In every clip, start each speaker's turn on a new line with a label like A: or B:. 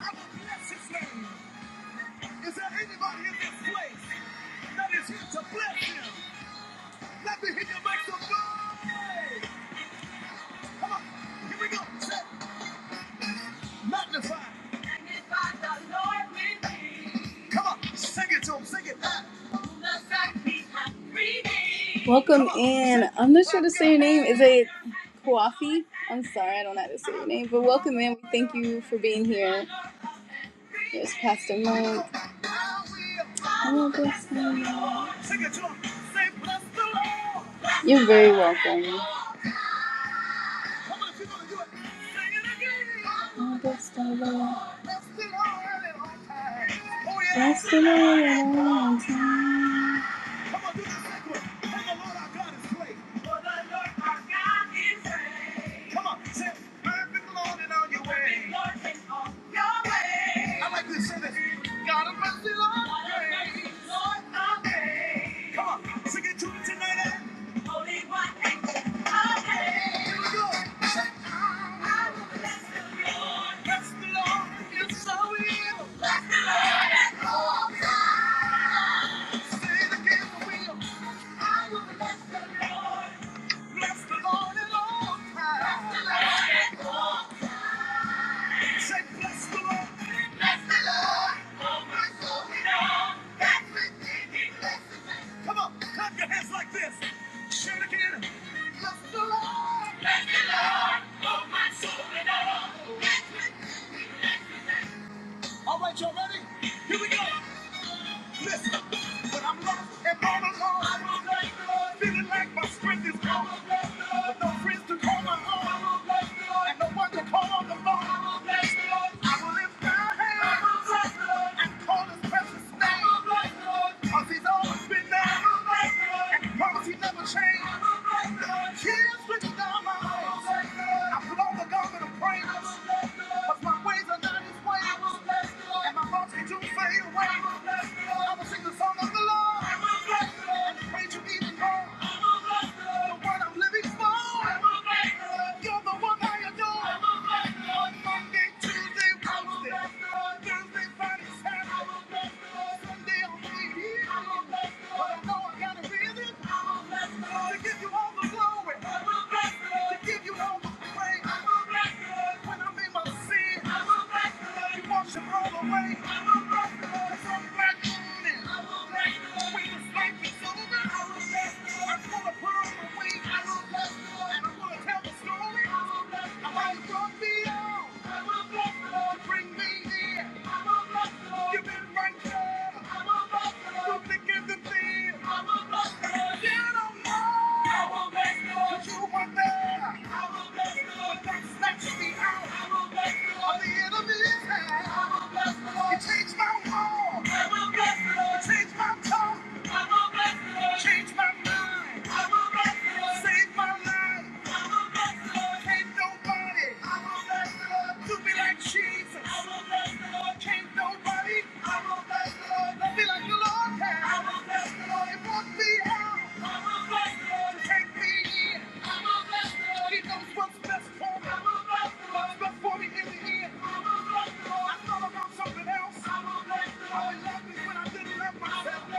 A: I will bless his name. Is there anybody in this place that is here to bless him? Let me hear your mic some noise. Come on, here we go. Say, magnify. Magnify the Lord with me. Come on, sing it to him, sing it. Ah. Welcome in. I'm not sure to say your name. Is it Kwafi? I'm sorry, I don't know how to say your name, but welcome in. We thank you for being here. There's Pastor Mike. Hello, Pastor Mike. You're very welcome. Oh, bless the Lord. Bless the Lord Come on, do the second one. And the Lord our God is great. For the Lord our God is great. Come on, say, I've been Lord and on your ways. Lord in all your way. I like to say this. God of mercy, Lord. God of mercy, Lord of grace. Come on, sing it to me tonight. eh? Holy one and holy. Here we go. Say, I will bless the Lord. Yes, I will. Say it again. Bless the Lord at all times. Say, bless the Lord. Come on, clap your hands like this. Share it again. All right, y'all ready? Here we go. Listen, when I'm lost and all alone, I will bless the Lord. Feeling like my strength is gone. I will bless the Lord. With no friends to call my own. I will bless the Lord. And no one to call on the phone. I will bless the Lord. I will lift my hands. I will bless the Lord. And call his precious name. I will bless the Lord. 'Cause he's always been there. Promise you never change. Tears streaming down my face. I put on the garment of praise. 'cause my ways are not his ways. And my thoughts they do fade away. I will sing the song of the Lord. And praise you even more. All the way, I'm a black, i I'm black, Next to the out of the enemy. is high. Lord, change my world. I will bless the Lord. my tongue. I will bless the Lord. my mind. I will bless the Lord. my life. Lord, hate nobody. I will bless the Lord. me like Jesus. I will bless the Can't nobody. I will bless the Love me like the Lord has. I will bless the Lord. It will out. I will bless the Lord. me in. I will bless the He knows what's best for me. I will bless the What's best for me in the end. I will bless the Lord. I thought about something else. I would love me when I didn't love myself.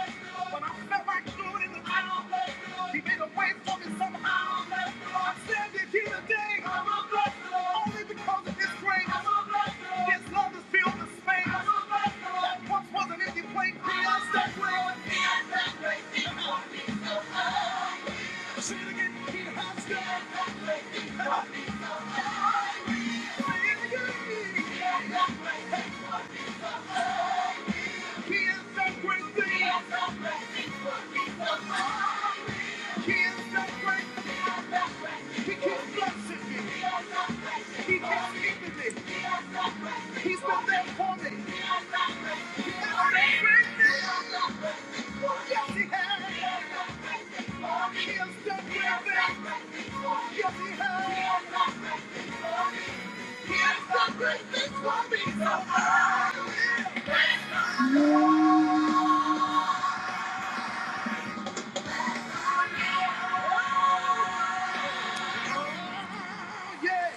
A: But I felt like doing it in the wrong. He made a way for me somehow. I stand it here today. Only because of his grace. His love has filled the space. That once was an empty place. He has that way. Say it again. He has that way. He is that great thing. He is that great thing. He keeps blessing me. He keeps keeping me. He's been there for me. He never left me. Yes, he has. He has done great things. Yes, he has. He has done great things for me. So, oh, yeah.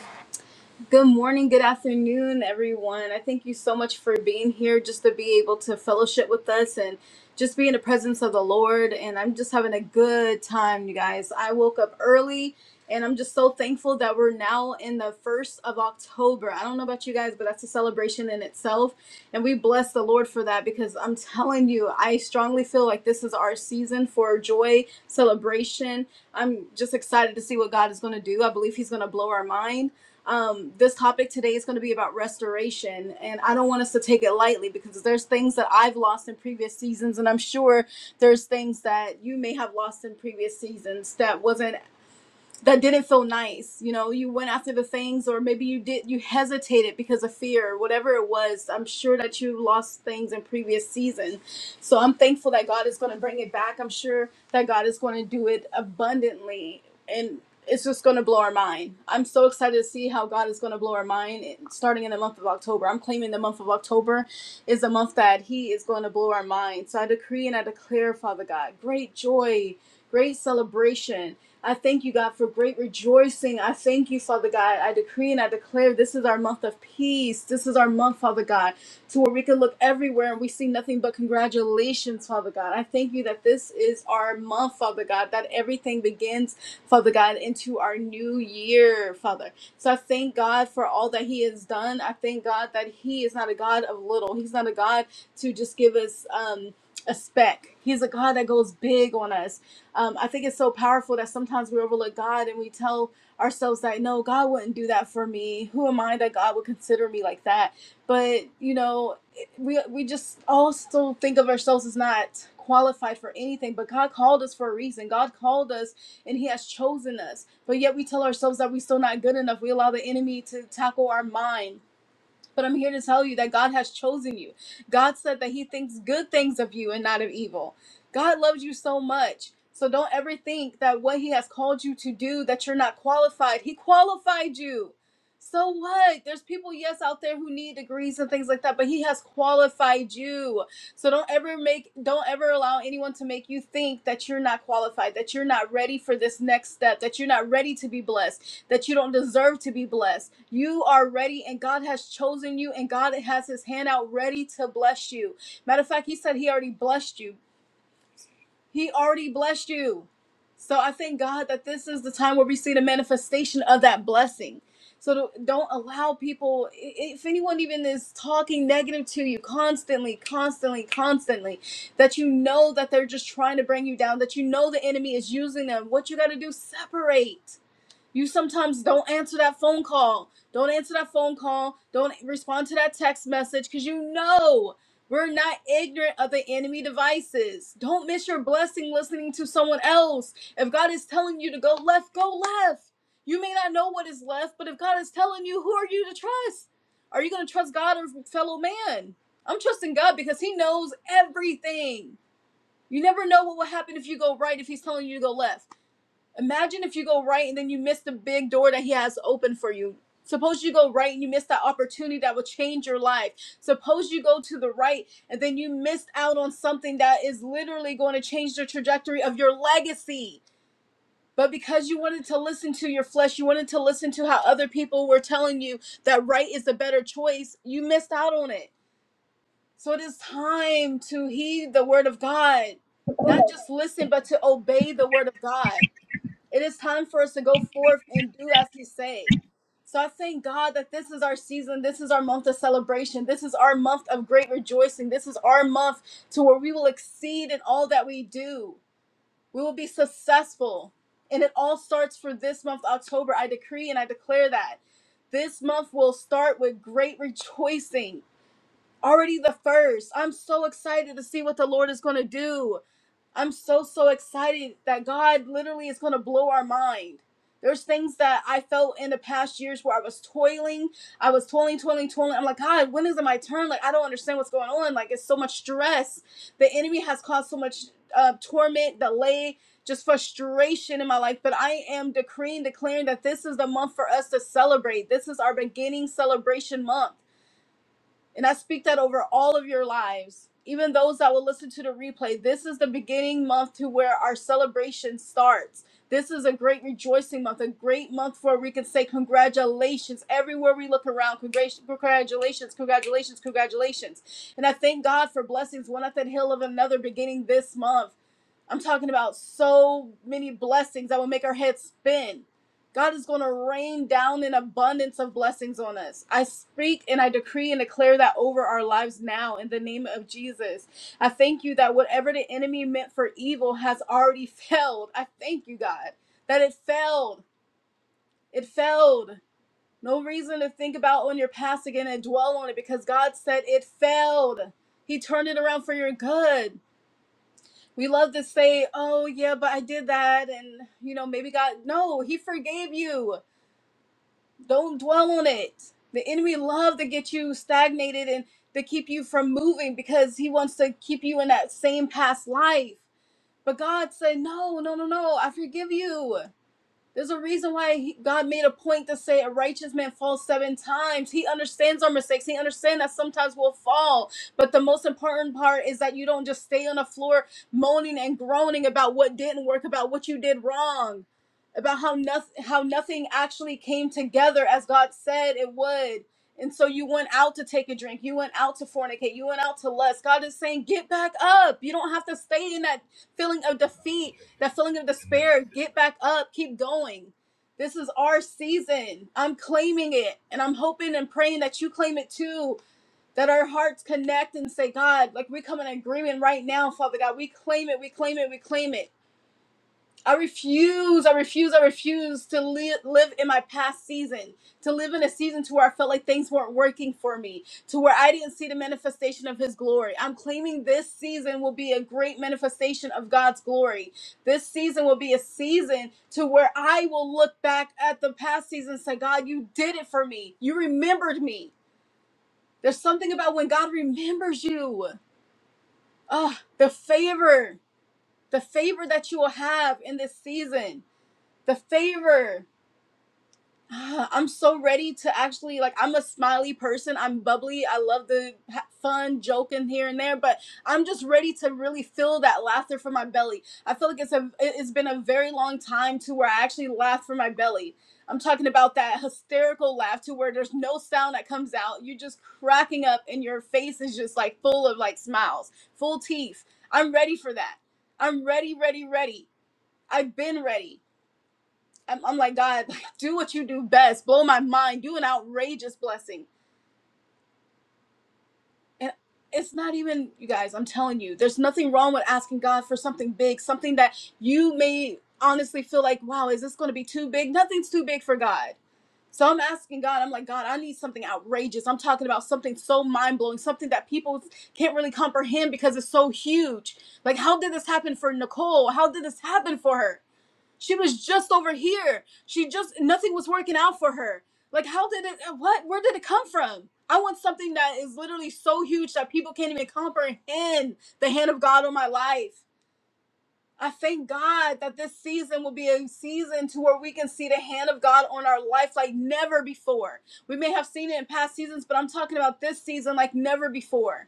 A: Good morning, good afternoon, everyone. I thank you so much for being here just to be able to fellowship with us and just be in the presence of the Lord. And I'm just having a good time, you guys. I woke up early and I'm just so thankful that we're now in the first of October. I don't know about you guys, but that's a celebration in itself. And we bless the Lord for that because I'm telling you, I strongly feel like this is our season for joy, celebration. I'm just excited to see what God is going to do. I believe He's going to blow our mind um, this topic today is going to be about restoration, and I don't want us to take it lightly because there's things that I've lost in previous seasons, and I'm sure there's things that you may have lost in previous seasons that wasn't that didn't feel nice you know you went after the things or maybe you did you hesitated because of fear or whatever it was i'm sure that you lost things in previous season so i'm thankful that god is going to bring it back i'm sure that god is going to do it abundantly and it's just going to blow our mind i'm so excited to see how god is going to blow our mind eh, starting in the month of october i'm claiming the month of october is a month that he is going to blow our mind so i decree and i declare father god great joy great celebration. I thank you, God, for great rejoicing. I thank you, Father God. I decree and I declare this is our month of peace. This is our month, Father God, to where we can look everywhere and we see nothing but congratulations, Father God. I thank you that this is our month, Father God, that everything begins, Father God, into our new year, Father. So I thank God for all that He has done. I thank God that He is not a God of little. He's not a God to just give us um, a speck. He's a God that goes big on us. Um, I think it's so powerful that sometimes we overlook God and we tell ourselves that no, God wouldn't do that for me. Who am I that God would consider me like that? But you know, we we just all still think of ourselves as not qualified for anything. But God called us for a reason. God called us and He has chosen us. But yet we tell ourselves that we're still not good enough. We allow the enemy to tackle our mind but I'm here to tell you that God has chosen you. God said that He thinks good things of you and not of evil. God loves you so much. So don't ever think that what He has called you to do, that you're not qualified. He qualified you. So what? There's people, yes, out there who need degrees and things like that, but He has qualified you. So don't ever make, don't ever allow anyone to make you think that you're not qualified, that you're not ready for this next step, that you're not ready to be blessed that you don't deserve to be blessed. You are ready, and God has chosen you, and God has His hand out ready to bless you. Matter of fact, He said He already blessed you. He already blessed you. So I thank God that this is the time where we see the manifestation of that blessing. So don't don't allow people, i- if anyone even is talking negative to you constantly, constantly, constantly, that you know that they're just trying to bring you down, that you know the enemy is using them, what you got to do, separate you sometimes don't answer that phone call. Don't answer that phone call. Don't respond to that text message because you know we're not ignorant of the enemy devices. Don't miss your blessing listening to someone else. If God is telling you to go left, go left. You may not know what is left, but if God is telling you, who are you to trust? Are you going to trust God or fellow man? I'm trusting God because He knows everything. You never know what will happen if you go right if He's telling you to go left. Imagine if you go right and then you miss the big door that he has open for you. Suppose you go right and you miss that opportunity that will change your life. Suppose you go to the right and then you missed out on something that is literally going to change the trajectory of your legacy. But because you wanted to listen to your flesh, you wanted to listen to how other people were telling you that right is the better choice, you missed out on it. So it is time to heed the word of God, not just listen, but to obey the word of God. It is time for us to go forth and do as He say. So I thank God that this is our season. This is our month of celebration. This is our month of great rejoicing. This is our month to where we will exceed in all that we do. We will be successful. And it all starts for this month, October. I decree and I declare that. This month will start with great rejoicing. Already the first. I'm so excited to see what the Lord is going to do. I'm so so excited that God literally is going to blow our mind. There's things that I felt in the past years where I was toiling, I was toiling, toiling, toiling. I'm like, God, when is it my turn? Like, I don't understand what's going on. Like, it's so much stress. The enemy has caused so much uh, torment, delay, just frustration in my life. But I am decreeing, declaring that this is the month for us to celebrate. This is our beginning celebration month. And I speak that over all of your lives, even those that will listen to the replay. This is the beginning month to where our celebration starts. This is a great rejoicing month, a great month where we can say congratulations everywhere we look around. Congrat- Congratulations, congratulations, congratulations. And I thank God for blessings one at the hill of another beginning this month. I'm talking about so many blessings that will make our heads spin God is going to rain down an abundance of blessings on us. I speak and I decree and declare that over our lives now in the name of Jesus. I thank you that whatever the enemy meant for evil has already failed. I thank you, God, that it failed. It failed. No reason to think about on your past again and dwell on it because God said it failed. He turned it around for your good. We love to say, oh, yeah, but I did that. And, you know, maybe God, no, He forgave you. Don't dwell on it. The enemy loves to get you stagnated and to keep you from moving because he wants to keep you in that same past life. But God said, No, no, no, no, I forgive you. There's a reason why he, God made a point to say a righteous man falls seven times. He understands our mistakes. He understands that sometimes we'll fall. But the most important part is that you don't just stay on the floor moaning and groaning about what didn't work, about what you did wrong, about how nothing how nothing actually came together as God said it would. And so you went out to take a drink. You went out to fornicate. You went out to lust. God is saying, get back up. You don't have to stay in that feeling of defeat that feeling of
B: and then
A: despair get back up keep going this is our season i'm claiming it and i'm hoping and praying that you claim it too that our hearts connect and say god like we come in agreement right now father god we claim it we claim it we claim it I refuse, I refuse, I refuse to li- live in my past season, to live in a season to where I felt like things weren't working for me, to where I didn't see the manifestation of His glory. I'm claiming this season will be a great manifestation of God's glory. This season will be a season to where I will look back at the past season and say, God, you did it for me. You remembered me. There's something about when God remembers you. Ah, the favor, the favor that you will have in this season the favor. Ah, I'm so ready to actually like I'm a smiley person. I'm bubbly. I love the ha- fun joking here and there, but I'm just ready to really feel that laughter from my belly. I feel like it's a it- it's been a very long time to where I actually laugh from my belly. I'm talking about that hysterical laugh to where there's no sound that comes out. You're just cracking up and your face is just like full of like smiles, full teeth. I'm ready for that. I'm ready, ready, ready. I've been ready. I'm, I'm like, God, like, do what you do best. Blow my mind. Do an outrageous blessing. And it's not even, you guys, I'm telling you, there's nothing wrong with asking God for something big, something that you may honestly feel like, wow, is this going to be too big? Nothing's too big for God. So I'm asking God, I'm like, God, I need something outrageous. I'm talking about something so mind blowing, something that people can't really comprehend because it's so huge. Like, how did this happen for Nicole? How did this happen for her? She was just over here. She just nothing was working out for her. Like how did it what where did it come from? I want something that is literally so huge that people can't even comprehend the hand of God on my life. I thank God that this season will be a season to where we can see the hand of God on our life like never before. We may have seen it in past seasons, but I'm talking about this season like never before.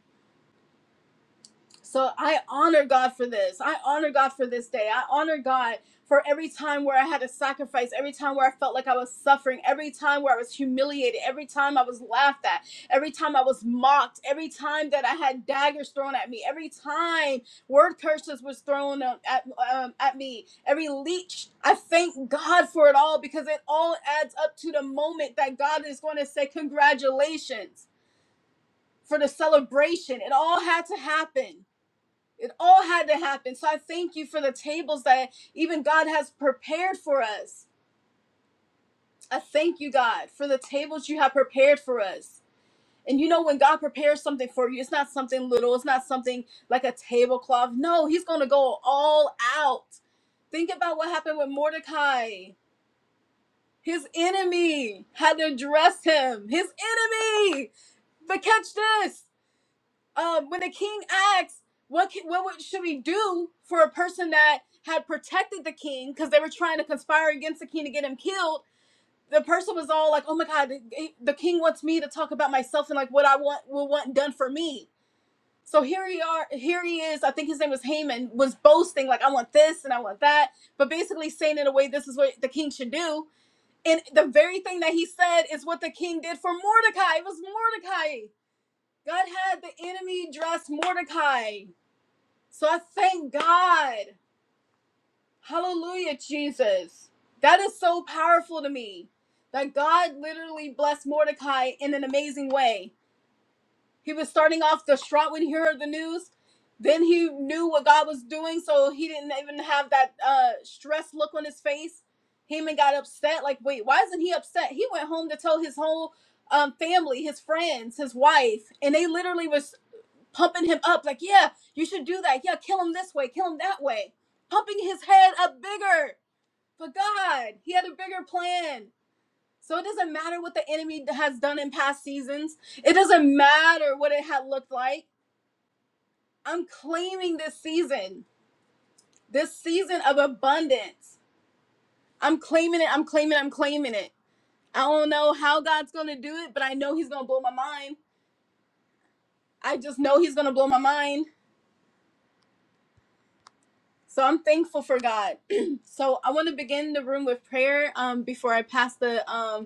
A: So I honor God for this. I honor God for this day. I honor God for every time where I had to sacrifice, every time where I felt like I was suffering, every time where I was humiliated, every time I was laughed at, every time I was mocked, every time that I had daggers thrown at me, every time word curses was thrown um, at um, at me, every leech. I thank God for it all because it all adds up to the moment that God is going to say congratulations for the celebration. It all had to happen it all had to happen. So I thank you for the tables that even God has prepared for us. I thank you, God, for the tables you have prepared for us. And you know, when God prepares something for you, it's not something little, it's not something like a tablecloth. No, He's going to go all out. Think about what happened with Mordecai. His enemy had to dress him. His enemy. But catch this. um, when the king asked, "What can, what should we do for a person that had protected the king because they were trying to conspire against the king to get him killed?" The person was all like, "Oh my God, the, the king wants me to talk about myself and like what I want will want done for me." So here he are, here he is. I think his name was Haman was boasting like, "I want this and I want that," but basically saying in a way, "This is what the king should do." And the very thing that he said is what the king did for Mordecai. It was Mordecai God had the enemy dress Mordecai. So I thank God. Hallelujah, Jesus. That is so powerful to me that God literally blessed Mordecai in an amazing way. He was starting off distraught when he heard the news. Then he knew what God was doing, so he didn't even have that uh, stress look on his face. He even got upset. Like, wait, why isn't he upset? He went home to tell his whole um, family, his friends, his wife, and they literally was pumping him up like yeah you should do that yeah kill him this way kill him that way pumping his head up bigger but god he had a bigger plan so it doesn't matter what the enemy has done in past seasons it doesn't matter what it had looked like i'm claiming this season this season of abundance i'm claiming it i'm claiming it. i'm claiming it i don't know how god's gonna do it but i know he's gonna blow my mind i just know he's gonna blow my mind So I'm thankful for God. so I want to begin the room with prayer um, before I pass the um,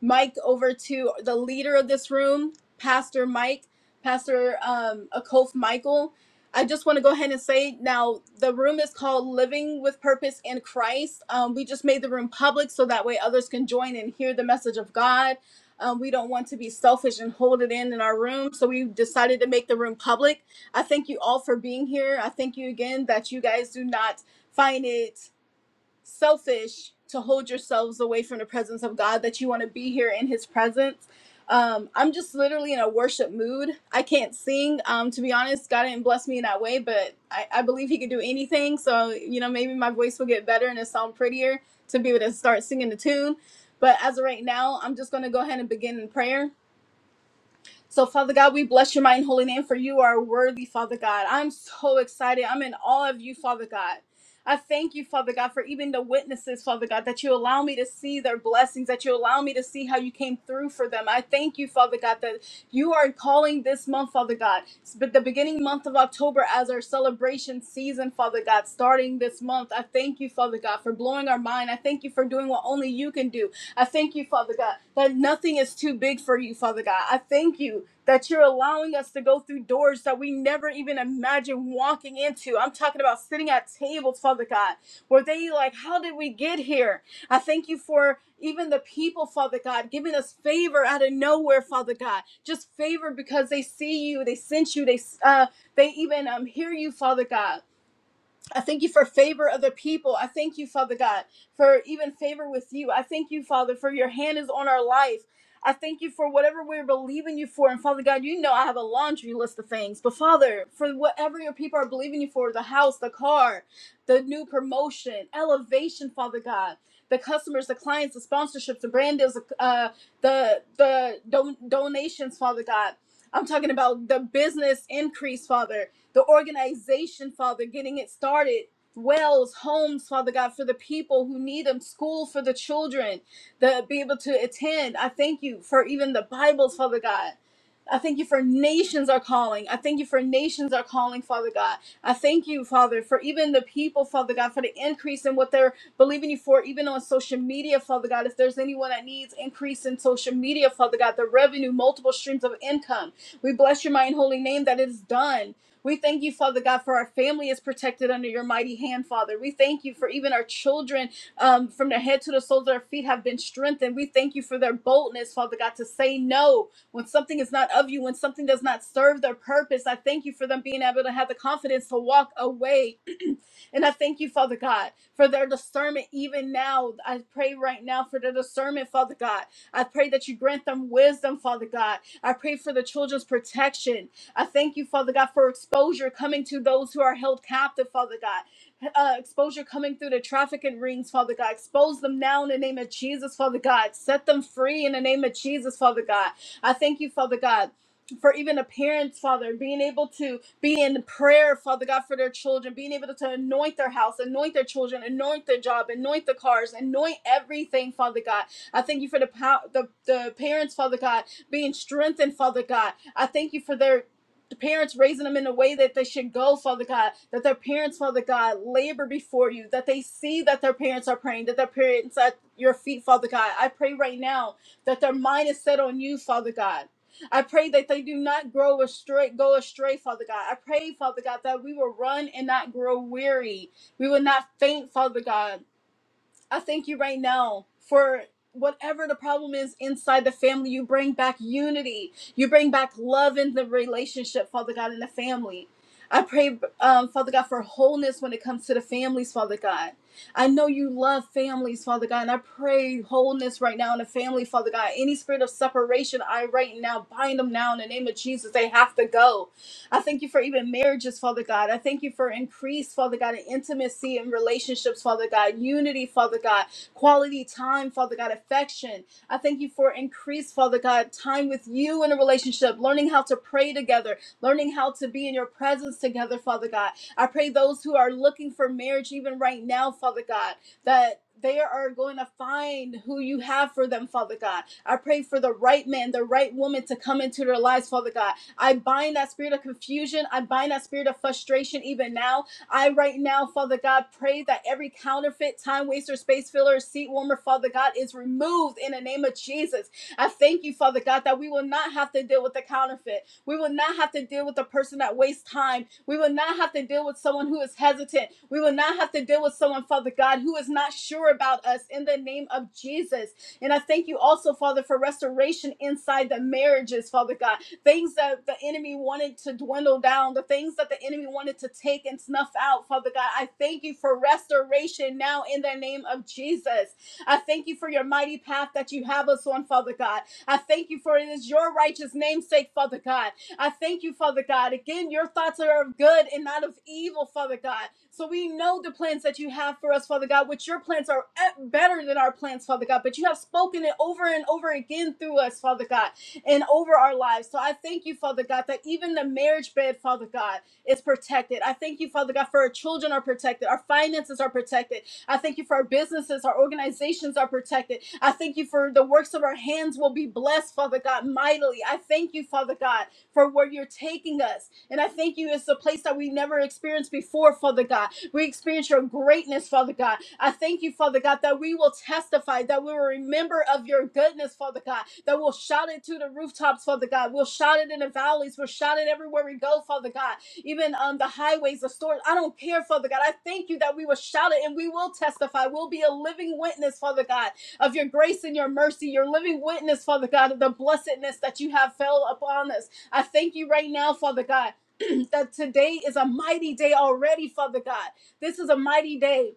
A: mic over to the leader of this room, Pastor Mike, Pastor um, Akof Michael. I just want to go ahead and say now the room is called Living with Purpose in Christ. Um, we just made the room public so that way others can join and hear the message of God. Um, we don't want to be selfish and hold it in in our room, so we decided to make the room public. I thank you all for being here. I thank you again that you guys do not find it selfish to hold yourselves away from the presence of God, that you want to be here in His presence. Um, I'm just literally in a worship mood. I can't sing, um, to be honest. God didn't bless me in that way, but I, I believe He could do anything. So, you know, maybe my voice will get better and it sound prettier to be able to start singing the tune. But as of right now, I'm just going to go ahead and begin in prayer. So, Father God, we bless your mighty and holy name for you are worthy, Father God. I'm so excited. I'm in awe of you, Father God. I thank you, Father God, for even the witnesses, Father God, that you allow me to see their blessings, that you allow me to see how you came through for them. I thank you, Father God, that you are calling this month, Father God, but the beginning month of October as our celebration season, Father God, starting this month. I thank you, Father God, for blowing our mind. I thank you for doing what only you can do. I thank you, Father God, that nothing is too big for you, Father God. I thank you that you're allowing us to go through doors that we never even imagined walking into. I'm talking about sitting at tables, Father God, where they like, how did we get here? I thank you for even the people, Father God, giving us favor out of nowhere, Father God. Just favor because they see you, they sense you, they uh, they even um, hear you, Father God. I thank you for favor of the people. I thank you, Father God, for even favor with you. I thank you, Father, for your hand is on our life. I thank you for whatever we're believing you for. And Father God, you know I have a laundry list of things. But Father, for whatever your people are believing you for the house, the car, the new promotion, elevation, Father God, the customers, the clients, the sponsorships, the brand deals, uh, the, the don- donations, Father God. I'm talking about the business increase, Father the organization, Father, getting it started. Wells, homes, Father God, for the people who need them, school for the children to be able to attend. I thank you for even the Bibles, Father God. I thank you for nations are calling. I thank you for nations are calling, Father God. I thank you, Father, for even the people, Father God, for the increase in what they're believing you for, even on social media, Father God. If there's anyone that needs increase in social media, Father God, the revenue, multiple streams of income, we bless your mighty and holy name that it is done. We thank you, Father God, for our family is protected under your mighty hand, Father. We thank you for even our children um, from their head to the soles of their feet have been strengthened. We thank you for their boldness, Father God, to say no when something is not of you, when something does not serve their purpose. I thank you for them being able to have the confidence to walk away and I thank you, Father God, for their discernment even now. I pray right now for their discernment, Father God. I pray that you grant them wisdom, Father God. I pray for the children's protection. I thank you, Father God, for exposure coming to those who are held captive, Father God. Uh, exposure coming through the trafficking rings, Father God. Expose them now in the name of Jesus, Father God. Set them free in the name of Jesus, Father God. I thank you, Father God for even the parents, Father, being able to be in prayer, Father God, for their children, being able to anoint their house, anoint their children, anoint their job, anoint the cars, anoint everything, Father God. I thank you for the pow- the, the parents, Father God, being strengthened, Father God. I thank you for their the parents raising them in a way that they should go, Father God, that their parents, Father God, labor before you, that they see that their parents are praying, that their parents at your feet, Father God. I pray right now that their mind is set on you, Father God I pray that they do not grow astray, go astray, Father God. I pray, Father God, that we will run and not grow weary. We will not faint, Father God. I thank you right now for whatever the problem is inside the family. You bring back unity, you bring back love in the relationship, Father God, in the family. I pray, um, Father God, for wholeness when it comes to the families, Father God. I know you love families, Father God, and I pray wholeness right now in the family, Father God. Any spirit of separation, I right now bind them now in the name of Jesus. They have to go. I thank you for even marriages, Father God. I thank you for increase, Father God, in intimacy and relationships, Father God, unity, Father God, quality time, Father God, affection. I thank you for increase, Father God, time with you in a relationship, learning how to pray together, learning how to be in your presence together, Father God. I pray those who are looking for marriage even right now, Father God, that they are going to find who you have for them, Father God. I pray for the right man, the right woman to come into their lives, Father God. I bind that spirit of confusion. I bind that spirit of frustration even now. I right now, Father God, pray that every counterfeit, time waster, space filler, seat warmer, Father God, is removed in the name of Jesus. I thank you, Father God, that we will not have to deal with the counterfeit. We will not have to deal with the person that wastes time. We will not have to deal with someone who is hesitant. We will not have to deal with someone, Father God, who is not sure about us in the name of Jesus. And I thank you also, Father, for restoration inside the marriages, Father God things that the enemy wanted to dwindle down, the things that the enemy wanted to take and snuff out, Father God. I thank you for restoration now in the name of Jesus. I thank you for your mighty path that you have us on, Father God. I thank you for it is your righteous namesake, Father God. I thank you, Father God. Again, your thoughts are of good and not of evil, Father God. So we know the plans that you have for us, Father God, which your plans are eh, better than our plans, Father God. But you have spoken it over and over again through us, Father God and over our lives. So I thank you, Father God, that even the marriage bed, Father God, is protected. I thank you, Father God, for our children are protected, our finances are protected. I thank you for our businesses, our organizations are protected. I thank you for the works of our hands will be blessed, Father God, mightily. I thank you, Father God, for where you're taking us. And I thank you, it's a place that we never experienced before, Father God. We experience your greatness, Father God. I thank you, Father God, that we will testify, that we will remember of your goodness, Father God, that we'll shout it to the rooftops, Father God. We'll shout it in the valleys. We'll shout it everywhere we go, Father God, even on the highways, the stores. I don't care, Father God. I thank you that we will shout it and we will testify. We'll be a living witness, Father God, of your grace and your mercy, your living witness, Father God, of the blessedness that you have fell upon us. I thank you right now, Father God. that today is a mighty day already, Father God. This is a mighty day.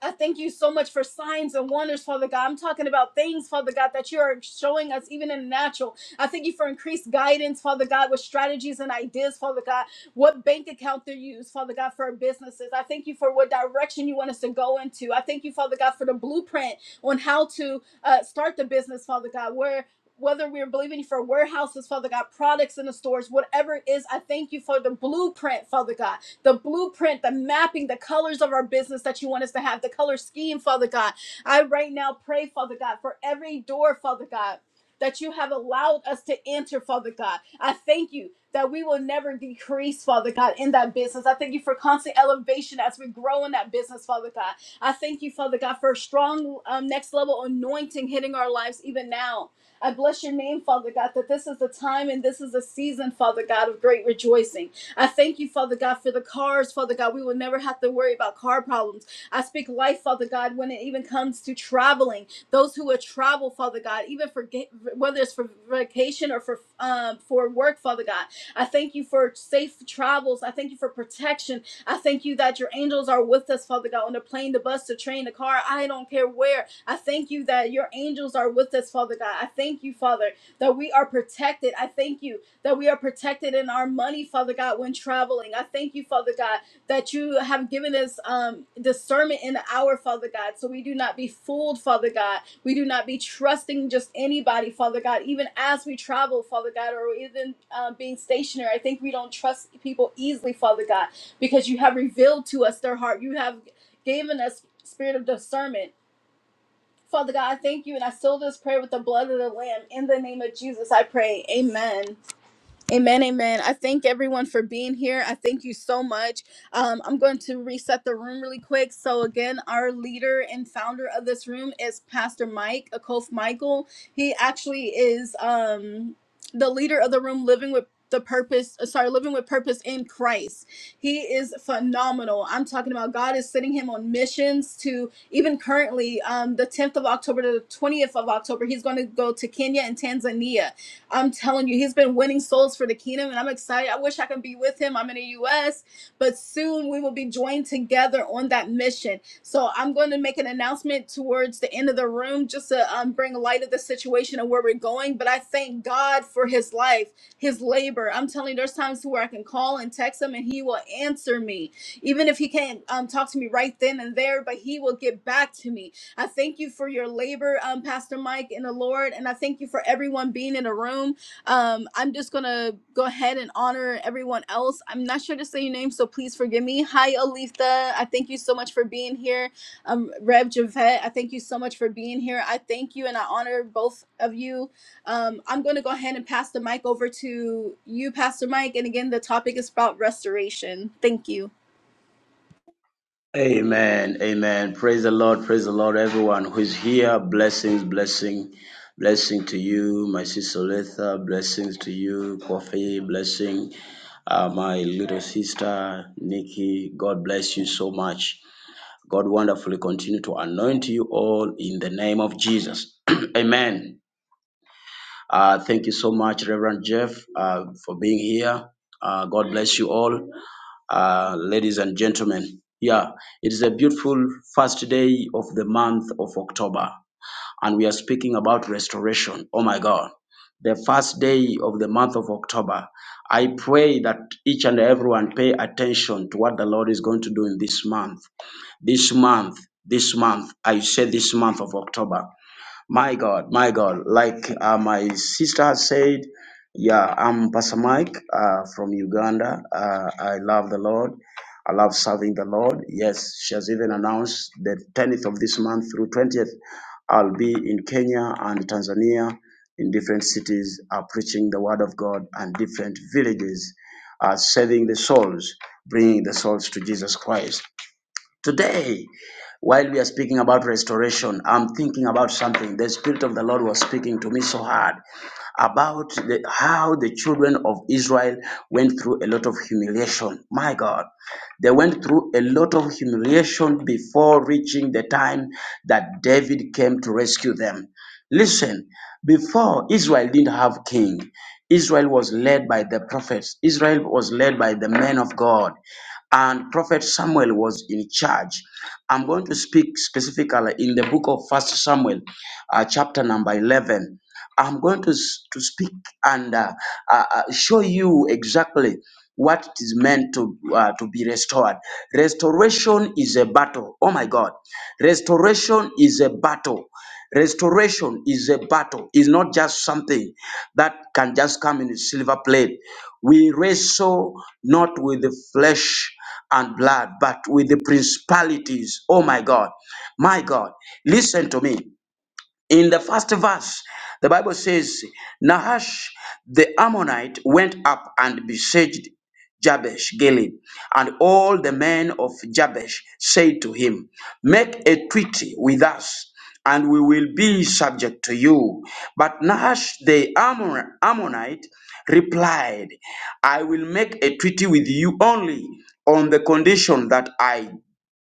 A: I thank you so much for signs and wonders, Father God. I'm talking about things, Father God, that you are showing us even in the natural. I thank you for increased guidance, Father God, with strategies and ideas, Father God. What bank account they use, Father God, for our businesses. I thank you for what direction you want us to go into. I thank you, Father God, for the blueprint on how to uh, start the business, Father God, where whether we're believing you for warehouses, Father God, products in the stores, whatever it is, I thank you for the blueprint, Father God the blueprint, the mapping, the colors of our business that you want us to have, the color scheme, Father God. I right now pray, Father God, for every door, Father God. That you have allowed us to enter, Father God. I thank you that we will never decrease, Father God, in that business. I thank you for constant elevation as we grow in that business, Father God. I thank you, Father God, for a strong um, next level anointing hitting our lives even now. I bless your name, Father God, that this is the time and this is the season, Father God, of great rejoicing. I thank you, Father God, for the cars, Father God. We will never have to worry about car problems. I speak life, Father God, when it even comes to traveling. Those who would travel, Father God, even for ga- whether it's for vacation or for um, for work, Father God. I thank you for safe travels. I thank you for protection. I thank you that your angels are with us, Father God, on the plane, the bus, the train, the car. I don't care where. I thank you that your angels are with us, Father God. I thank you, Father, that we are protected. I thank you that we are protected in our money, Father God, when traveling. I thank you, Father God, that you have given us um, discernment in the hour, Father God, so we do not be fooled, Father God. We do not be trusting just anybody, Father God, even as we travel, Father God, or even um, being stationary. I think we don't trust people easily, Father God, because you have revealed to us their heart. You have given us spirit of discernment. Father God, I thank you, and I seal this prayer with the blood of the Lamb. In the name of Jesus, I pray. Amen. Amen, amen. I thank everyone for being here. I thank you so much. Um, I'm going to reset the room really quick. So, again, our leader and founder of this room is Pastor Mike Akof Michael. He actually is um, the leader of the room, living with the purpose uh, sorry living with purpose in christ he is phenomenal i'm talking about god is sending him on missions to even currently um the 10th of october to the 20th of october he's going to go to kenya and tanzania I'm telling you, he's been winning souls for the kingdom, and I'm excited. I wish I could be with him. I'm in the U.S., but soon we will be joined together on that mission. So I'm going to make an announcement towards the end of the room just to um, bring light of the situation and where we're going. But I thank God for his life, his labor. I'm telling you, there's times where I can call and text him, and he will answer me, even if he can't um, talk to me right then and there. But he will get back to me I thank you for your labor, um, Pastor Mike in the Lord. And I thank you for everyone being in the room. Um, I'm just going to go ahead and honor everyone else. I'm not sure to say your name, so please forgive me. Hi, Aletha. I thank you so much for being here. Um, Rev Javette, I thank you so much for being here. I thank you and I honor both of you. Um, I'm going to go ahead and pass the mic over to you, Pastor Mike. And again, the topic is about restoration. Thank you.
C: Amen. Amen. Praise the Lord. Praise the Lord. Everyone who is here, blessings, blessing, blessing to you, my sister Letha, blessings to you, Kofi, blessing, uh, my little sister Nikki. God bless you so much. God wonderfully continue to anoint you all in the name of Jesus. Amen. Uh, thank you so much, Reverend Jeff, uh, for being here. Uh, God bless you all uh, ladies and gentlemen. Yeah, it is a beautiful first day of the month of October, and we are speaking about restoration. Oh my God, the first day of the month of October. I pray that each and everyone pay attention to what the Lord is going to do in this month. This month, this month, I say this month of October. My God, my God. Like uh, my sister has said, yeah, I'm Pastor Mike uh, from Uganda. Uh, I love the Lord. I love serving the Lord. Yes, she has even announced the 10th of this month through 20th, I'll be in Kenya and Tanzania in different cities, uh, preaching the word of God and different villages, uh, saving the souls, bringing the souls to Jesus Christ. Today, while we are speaking about restoration, I'm thinking about something. The Spirit of the Lord was speaking to me so hard about the, how the children of Israel went through a lot of humiliation. My God, they went through a lot of humiliation before reaching the time that David came to rescue them. Listen, before Israel didn't have king. Israel was led by the prophets. Israel was led by the men of God. And Prophet Samuel was in charge. I'm going to speak specifically in the book of First Samuel, uh, chapter number 11. I'm going to, s- to speak and uh, uh, uh, show you exactly what it is meant to, uh, to be restored. Restoration is a battle. Oh my God. Restoration is a battle. Restoration is a battle. It's not just something that can just come in a silver plate. We wrestle not with the flesh and blood, but with the principalities. Oh my God. My God. Listen to me. In the first verse, the Bible says, Nahash the Ammonite went up and besieged Jabesh Gilead, and all the men of Jabesh said to him, Make a treaty with us, and we will be subject to you. But Nahash the Ammon- Ammonite replied, I will make a treaty with you only on the condition that I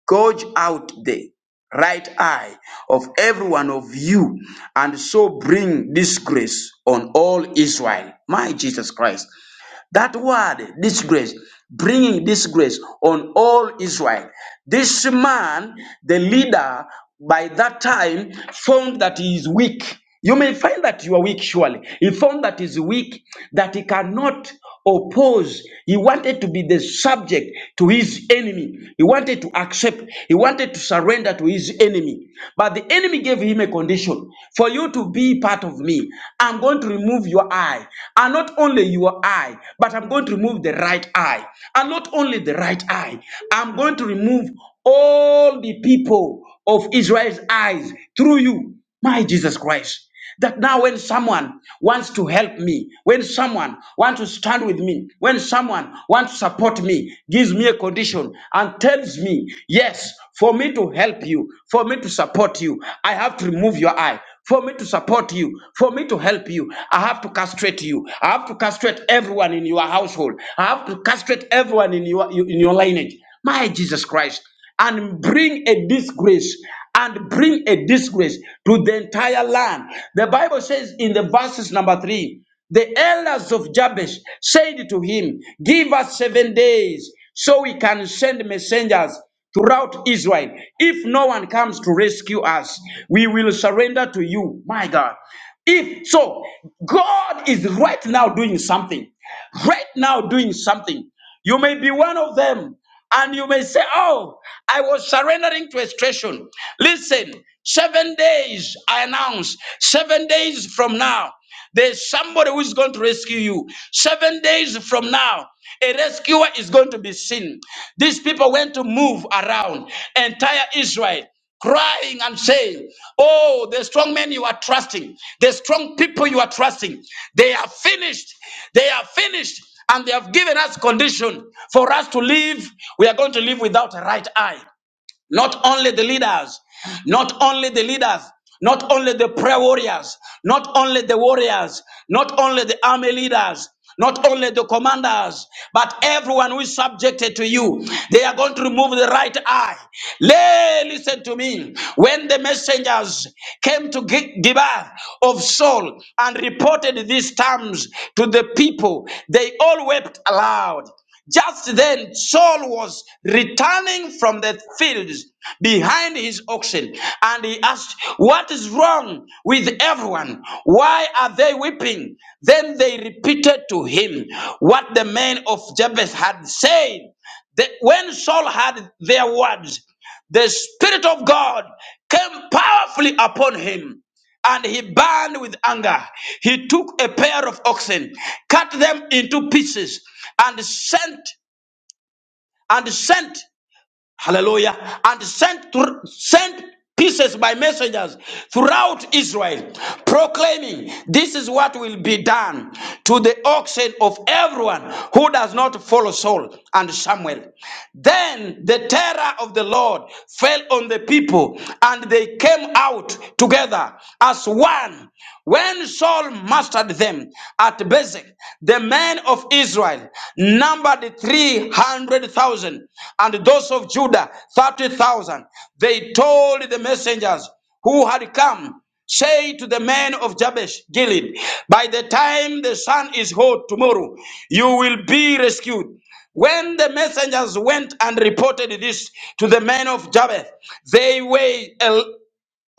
C: gouge out the right eye of every one of you and so bring disgrace on all Israel. My Jesus Christ. That word, disgrace, bringing disgrace on all Israel. This man, the leader, by that time found that he is weak. You may find that you are weak, surely. He found that he's weak, that he cannot oppose. He wanted to be the subject to his enemy. He wanted to accept. He wanted to surrender to his enemy. But the enemy gave him a condition for you to be part of me. I'm going to remove your eye, and not only your eye, but I'm going to remove the right eye. And not only the right eye, I'm going to remove all the people of Israel's eyes through you, my Jesus Christ. That now, when someone wants to help me, when someone wants to stand with me, when someone wants to support me, gives me a condition and tells me, Yes, for me to help you, for me to support you, I have to remove your eye. For me to support you, for me to help you, I have to castrate you. I have to castrate everyone in your household. I have to castrate everyone in your in your lineage. My Jesus Christ, and bring a disgrace and bring a disgrace to the entire land. The Bible says in the verses number three, the elders of Jabesh said to him, Give us seven days so we can send messengers throughout Israel. If no one comes to rescue us, we will surrender to you, my God. If so, God is right now doing something right now doing something. You may be one of them, and you may say, Oh, I was surrendering to extraction. Listen, seven days, I announce, seven days from now, there's somebody who is going to rescue you. Seven days from now, a rescuer is going to be seen. These people went to move around entire Israel crying and saying, Oh, the strong men you are trusting, the strong people you are trusting, they are finished. They are finished. And they have given us condition for us to live. We are going to live without a right eye not only the leaders, not only the leaders, not only the prayer warriors, not only the warriors, not only the army leaders, not only the commanders, but everyone who is subjected to you. They are going to remove the right eye. Lay, listen to me. When the messengers came to Gi- Gibeah of Saul and reported these terms to the people, they all wept aloud. Just then, Saul was returning from the fields behind his oxen, and he asked, What is wrong with everyone? Why are they weeping? Then they repeated to him what the men of Jabesh had said. That when Saul heard their words, the Spirit of God came powerfully upon him. And he burned with anger. He took a pair of oxen, cut them into pieces, and sent and sent Hallelujah. And sent to, sent pieces by messengers throughout Israel, proclaiming, This is what will be done to the oxen of everyone who does not follow Saul and Samuel. Then the terror of the Lord fell on the people, and they came out together as one when Saul mastered them at Bezek. Isaac, the men of Israel numbered 300,000, and those of Judah 30,000. They told the messengers who had come, Say to the men of Jabesh Gilead, By the time the sun is hot tomorrow, you will be rescued. When the messengers went and reported this to the men of Jabesh, they were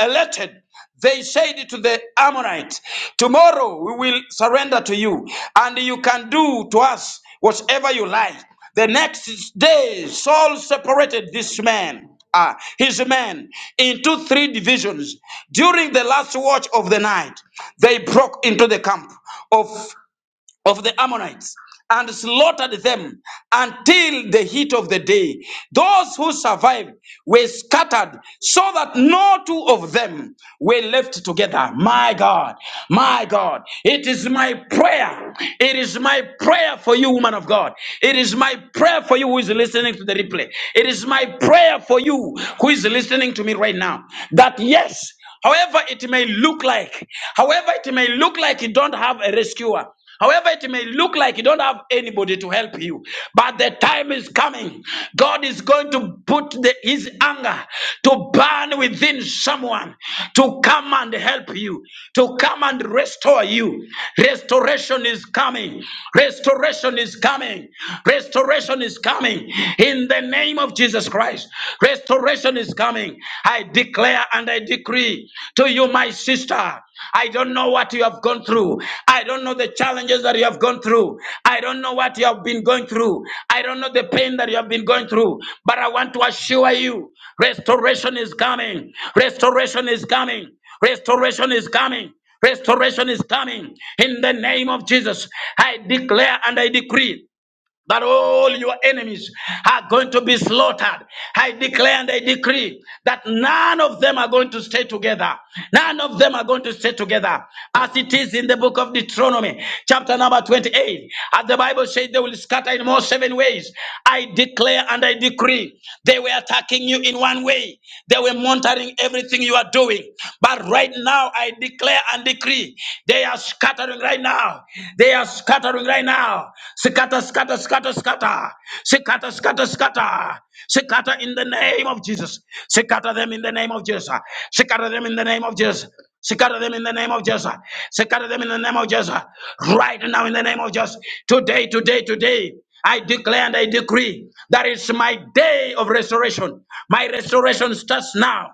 C: elected, they said to the Ammonites, Tomorrow we will surrender to you, and you can do to us whatever you like. The next day, Saul separated this man. ah, his men into three divisions. During the last watch of the night, they broke into the camp of of the Ammonites and slaughtered them until the heat of the day. Those who survived were scattered so that no two of them were left together. My God, my God, it is my prayer. It is my prayer for you, woman of God. It is my prayer for you who is listening to the replay. It is my prayer for you who is listening to me right now that yes, however it may look like, however it may look like you don't have a rescuer. However, it may look like you don't have anybody to help you, but the time is coming. God is going to put the- his anger to burn within someone to come and help you, to come and restore you. Restoration is coming. Restoration is coming. Restoration is coming in the name of Jesus Christ. Restoration is coming. I I declare and I decree to you, my sister, I don't know what you have gone through. I don't know the challenges that you have gone through. I don't know what you have been going through. I don't know the pain that you have been going through. But I want to assure you restoration is coming. Restoration is coming. Restoration is coming. Restoration is coming in the name of Jesus. I declare and I decree that all your enemies are going to be slaughtered. I declare and I decree that none of them are going to stay together. None of them are going to stay together. As it is in the book of Deuteronomy, chapter number 28, as the Bible says, they will scatter in more seven ways. I declare and I decree they were attacking you in one way, they were monitoring everything you are doing. But right now, I declare and decree they. They are scattering right now. They are scattering right now. Scatter, scatter, scatter, scatter. Scatter, scatter, scatter. Scatter in the name of Jesus. Scatter them in the name of Jesus. Scatter them in the name of Jesus. Scatter them in the name of Jesus. Scatter them in the name of Jesus. Right now in the name of Jesus. Today, today, today. I declare and I decree that it's my day of restoration. My restoration starts now.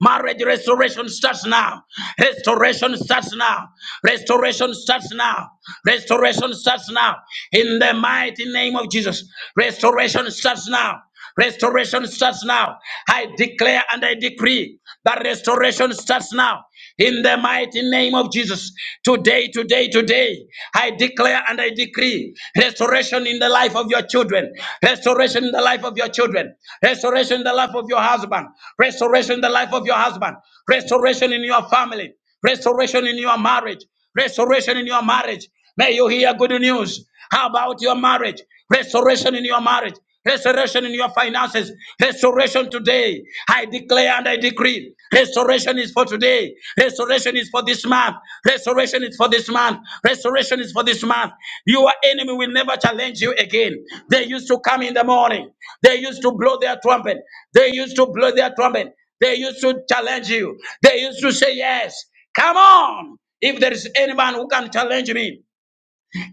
C: Marriage restoration starts now. Restoration starts now. Restoration starts now. Restoration starts now. In the mighty name of Jesus. Restoration starts now. Restoration starts now. I declare and I decree that restoration starts now in the mighty name of Jesus. Today, today, today, I declare and I decree restoration in the life of your children, restoration in the life of your children, restoration in the life of your husband, restoration in the life of your husband, restoration in your family, restoration in your marriage, restoration in your marriage. May you hear good news. How about your marriage? Restoration in your marriage. Restoration in your finances. Restoration today. I declare and I decree. Restoration is for today. Restoration is for this month. Restoration is for this month. Restoration is for this month. Your enemy will never challenge you again. They used to come in the morning. They used to blow their trumpet. They used to blow their trumpet. They used to challenge you. They used to say, Yes, come on. If there is anyone who can challenge me,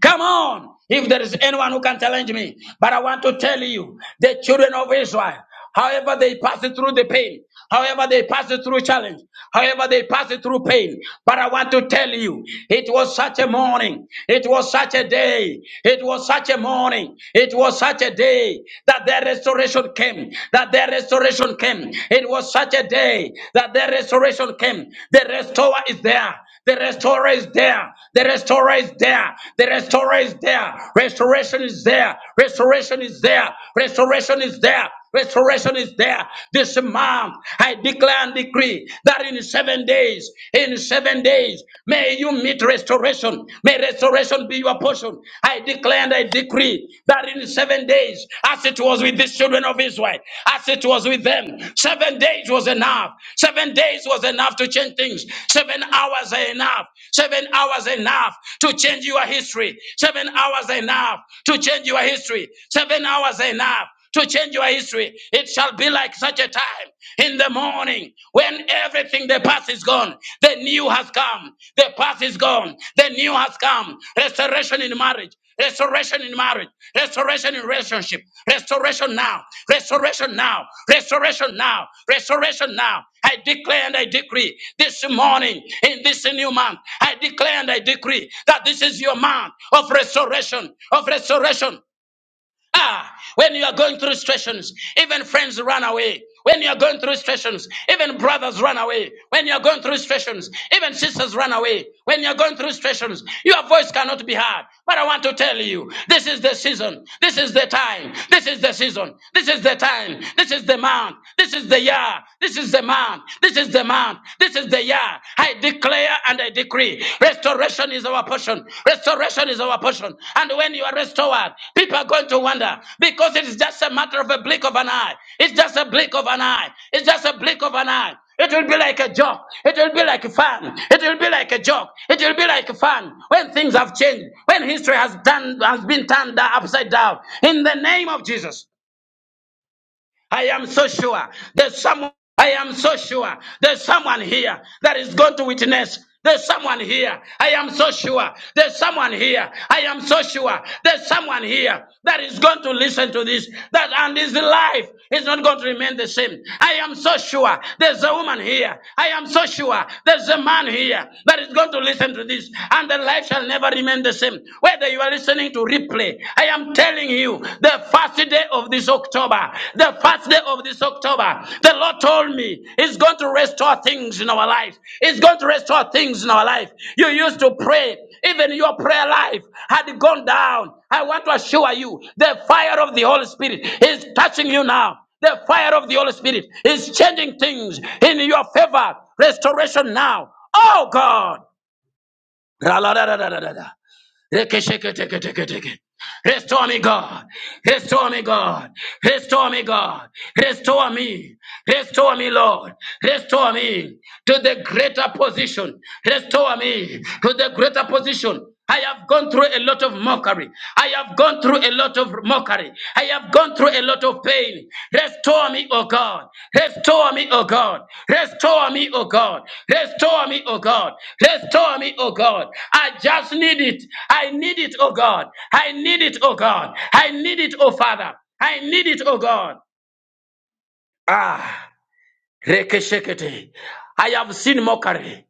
C: Come on, if there is anyone who can challenge me. But I want to tell you, the children of Israel, however they pass it through the pain, however they pass it through challenge, however they pass it through pain. But I want to tell you, it was such a morning, it was such a day, it was such a morning, it was such a day that their restoration came, that their restoration came. It was such a day the day that the restoration came. The restorer is there. The restorer is there. The restorer is there. The restorer is there. Restoration is there. Restoration is there. Restoration is there. Restoration is there. This month, I declare and decree that in seven days, in seven days, may you meet restoration. May restoration be your portion. I declare declare and I decree that in seven days, as it was with these children of Israel, as it was with them, seven days was enough. Seven days was enough to change things. Seven hours are enough. Seven hours are enough to change your history. Seven hours are enough to change your history. Seven hours are enough to change your history. It shall be like such a time in the morning when everything the past is gone, the new has come. The past is gone, the new has come. Restoration in marriage, restoration in marriage, restoration in relationship, restoration now, restoration now, restoration now, restoration now. I declare and I decree this morning in this new month, I declare and I decree that this is your month of restoration, of restoration Ah, when you are going through situations, even friends run away. When you are going through situations, even brothers run away. When you are going through situations, even sisters run away. When you are going through situations, your voice cannot be heard. But I want to tell you, this is the season. This is the time. This is the season. This is the time. This is the month. This is the year. This is the month. This is the month. This is the year. I declare and I decree restoration is our portion. Restoration is our portion. And when you are restored, people are going to wonder because it is just a matter of a blink of an eye. It's just a blink of an eye. It's just a blink of an eye. It will be like a joke. It will be like fun. It will be like a joke. It will be like fun when things have changed, when history has done has been turned upside down. In the name of Jesus. I am so sure there's someone. I am so sure there's someone here that is going to witness. There's someone here. I am so sure. There's someone here. I am so sure. There's someone here that is going to listen to this. That and his life is not going to remain the same. I am so sure. There's a woman here. I am so sure. There's a man here that is going to listen to this. And the life shall never remain the same. Whether you are listening to I am telling you, the first day of this October, the first day of this October, the Lord told me He's going to restore things in our life. He's going to restore things in our life. You used to pray, even your prayer life had gone down. I want to assure you, the fire of the Holy Spirit is touching you now. The fire of the Holy Spirit is changing things in your favor. Restoration now. Oh God. Rekesheketeketeketeke. Restore me, God. Restore me, God. Restore me, God. Restore me. Restore me, Lord. Restore me to the greater position. Restore me to the greater position. I have gone through a lot of mockery. I have gone through a lot of mockery. I have gone through a lot of pain. Restore me, O God. Restore me, O God. Restore me, O God. Restore me, O God. Restore me, O God. I just need it. I need it, O God. I need it, O God. I need it, O Father. I need it, O God. Ah, rekeshekete. I have seen mockery.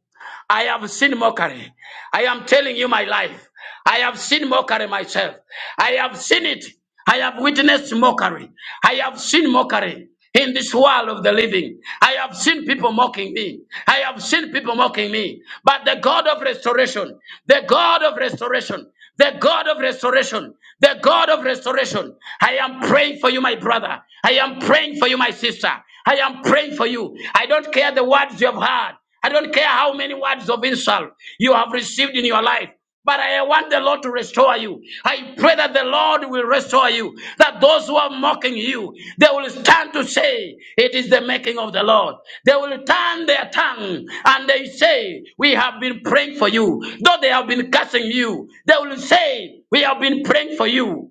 C: I have seen mockery. I am telling you my life. I have seen mockery myself. I have seen it. I have witnessed mockery. I have seen mockery in this world of the living. I have seen people mocking me. I have seen people mocking me. But the God of restoration, the God of restoration, the God of restoration, the God of restoration, I am praying for you, my brother. I am praying for you, my sister. I am praying for you. I don't care the words you have heard. I don't care how many words of insult you have received in your life. But I want the Lord to restore you. I pray that the Lord will restore you. That those who are mocking you, they will stand to say, It is the making of the Lord. They will turn their tongue and they say, We have been praying for you. Though they have been cursing you, they will say, We have been praying for you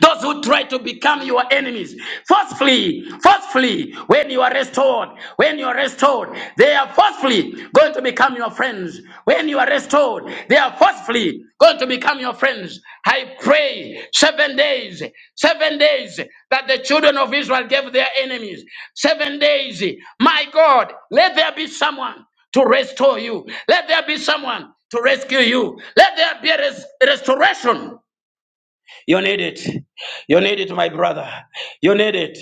C: those who try to become your enemies. Forcefully, forcefully, when you are restored, when you are restored, they are forcefully going to become your friends. When you are restored, they are forcefully going to become your friends. I pray seven days, seven days that the children of Israel gave their enemies. Seven days, my God, let there be someone to restore you. Let there be someone to rescue you. Let there be a res- restoration you need it. You need it, my brother. You need it.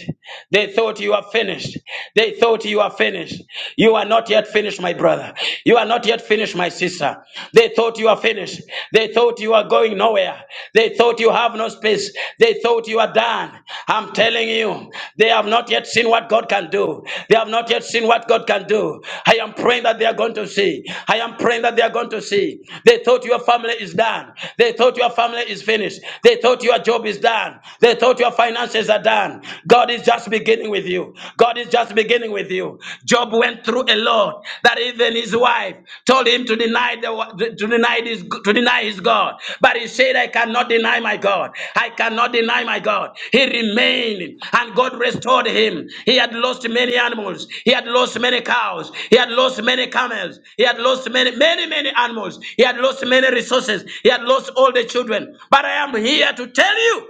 C: They thought you are finished. They thought you are finished. You are not yet finished, my brother. You are not yet finished, my sister. They thought you are finished. They thought you are going nowhere. They thought you have no space. They thought you are done. I'm telling you, they have not yet seen what God can do do. They have not yet seen what God can do. I am praying that they are going to see. I am praying that they are going to see. They thought your family is done. They thought your family is finished. They thought your job is done. They thought your finances are done. God is just beginning with you. God is just beginning with you. Job went through a lot that even his wife told him to deny deny the to deny this to deny his God. But he said, I cannot deny my God. I cannot deny my God. He remained and God restored him. He had lost many animals. He had lost many cows. He had lost many camels. He had lost many, many, many animals. He had lost many resources. He had lost all the children. But I am here to tell you.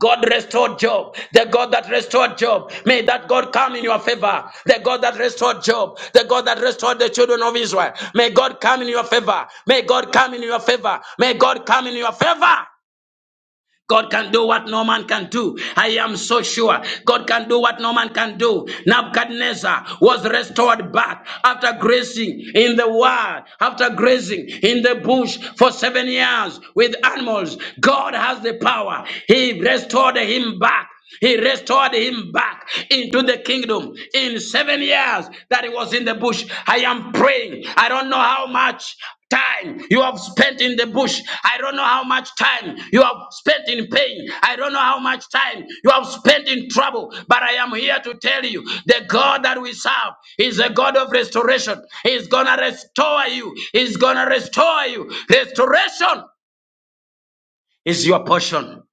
C: God restored Job. The God that restored Job. May that God come in your favor. The God that restored Job. The God that restored the children of Israel. May God come in your favor. May God come in your favor. May God come in your favor. God can do what no man can do. I am so sure. God can do what no man can do. Nebuchadnezzar was restored back after grazing in the wild, after grazing in the bush for seven years with animals. God has the power. He restored him back. He restored him back into the kingdom in seven years that he was in the bush. I am praying. I don't know how much time you have spent in the bush. I don't know how much time you have spent in pain. I don't know how much time you have spent in trouble. But I am here to tell you the God that we serve is a God of restoration. He's going to restore you. He's going to restore you. Restoration is your portion.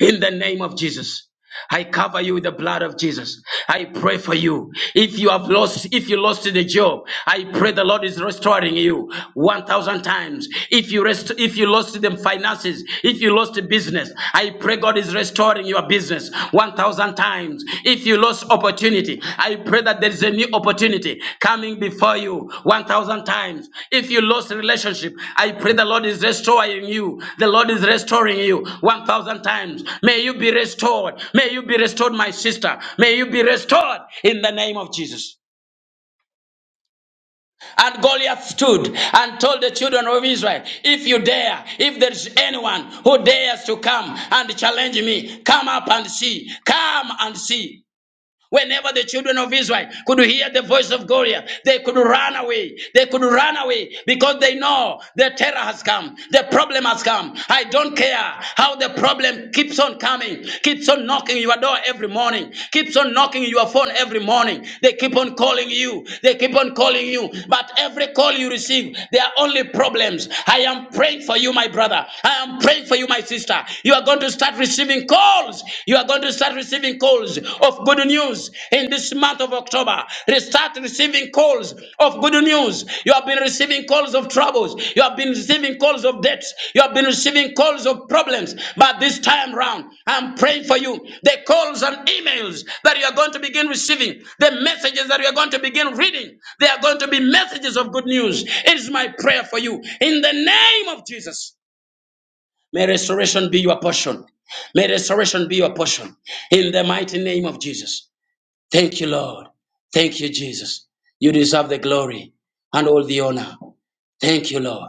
C: In the name of Jesus. I cover you with the blood of Jesus. I pray for you. If you have lost, if you lost the job, I pray the Lord is restoring you one thousand times. If you rest, if you lost the finances, if you lost the business, I pray God is restoring your business one thousand times. If you lost opportunity, I pray that there is a new opportunity coming before you 1,000 times. If you lost relationship, I pray the Lord is restoring you. The Lord is restoring you 1,000 times. May you be restored. May you be restored, my sister. May you be restored in the name of Jesus. And Goliath stood and told the children of Israel, If you dare, if there's anyone who dares to come and challenge me, come up and see. Come and see. Whenever the children of Israel could hear the voice of Goliath, they could run away. They could run away because they know the terror has come. The problem has come. I don't care how the problem keeps on coming, keeps on knocking your door every morning, keeps on knocking your phone every morning. They keep on calling you. They keep on calling you. But every call you receive, they are only problems. I am praying for you, my brother. I am praying for you, my sister. You are going to start receiving receiving calls. You are going to start receiving calls of good news in this month of October. Start receiving calls of good news. You have been receiving calls of troubles. You have been receiving calls of debts. You have been receiving calls of problems. But this time round, I'm praying for you. The calls and emails that you are going to begin receiving, the messages that you are going to begin reading, they are going to be messages of good news. It is my prayer for you in the name of Jesus. May restoration be your portion. May restoration be your portion. In the mighty name of Jesus. Thank you, Lord. Thank you, Jesus. You deserve the glory and all the honor. Thank you, Lord.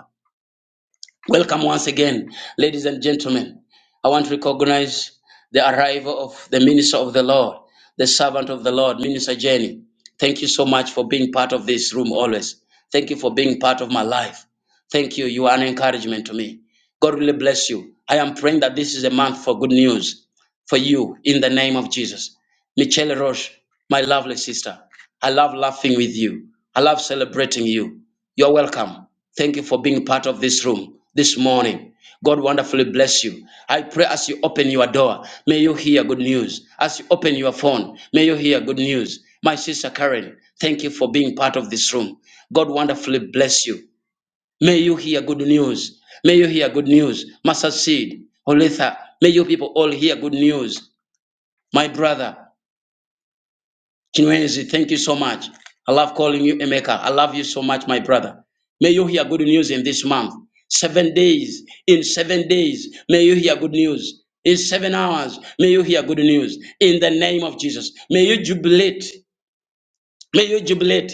C: Welcome once again, ladies and gentlemen. I want to recognize the arrival of the minister of the Lord, the servant of the Lord, Minister Jenny. Thank you so much for being part of this room always. Thank you for being part of my life. Thank you. You are an encouragement to me. God really bless you. I am praying that this is a month for good news for you in the name of Jesus. Michelle Roche, my lovely sister, I love laughing with you. I love celebrating you. You're welcome. Thank you for being part of this room this morning. God wonderfully bless you. I pray as you open your door, may you hear good news. As you open your phone, may you hear good news. My sister Karen, thank you for being part of this room. God wonderfully bless you. May you hear good news. May you hear good news. Master Seed, Olitha, may you people all hear good news. My brother, Chinwensi, thank you so much. I love calling you Emeka. I love you so much, my brother. May you hear good news in this month. Seven days, in seven days, may you hear good news. In seven hours, may you hear good news. In the name of Jesus, may you jubilate. May you jubilate.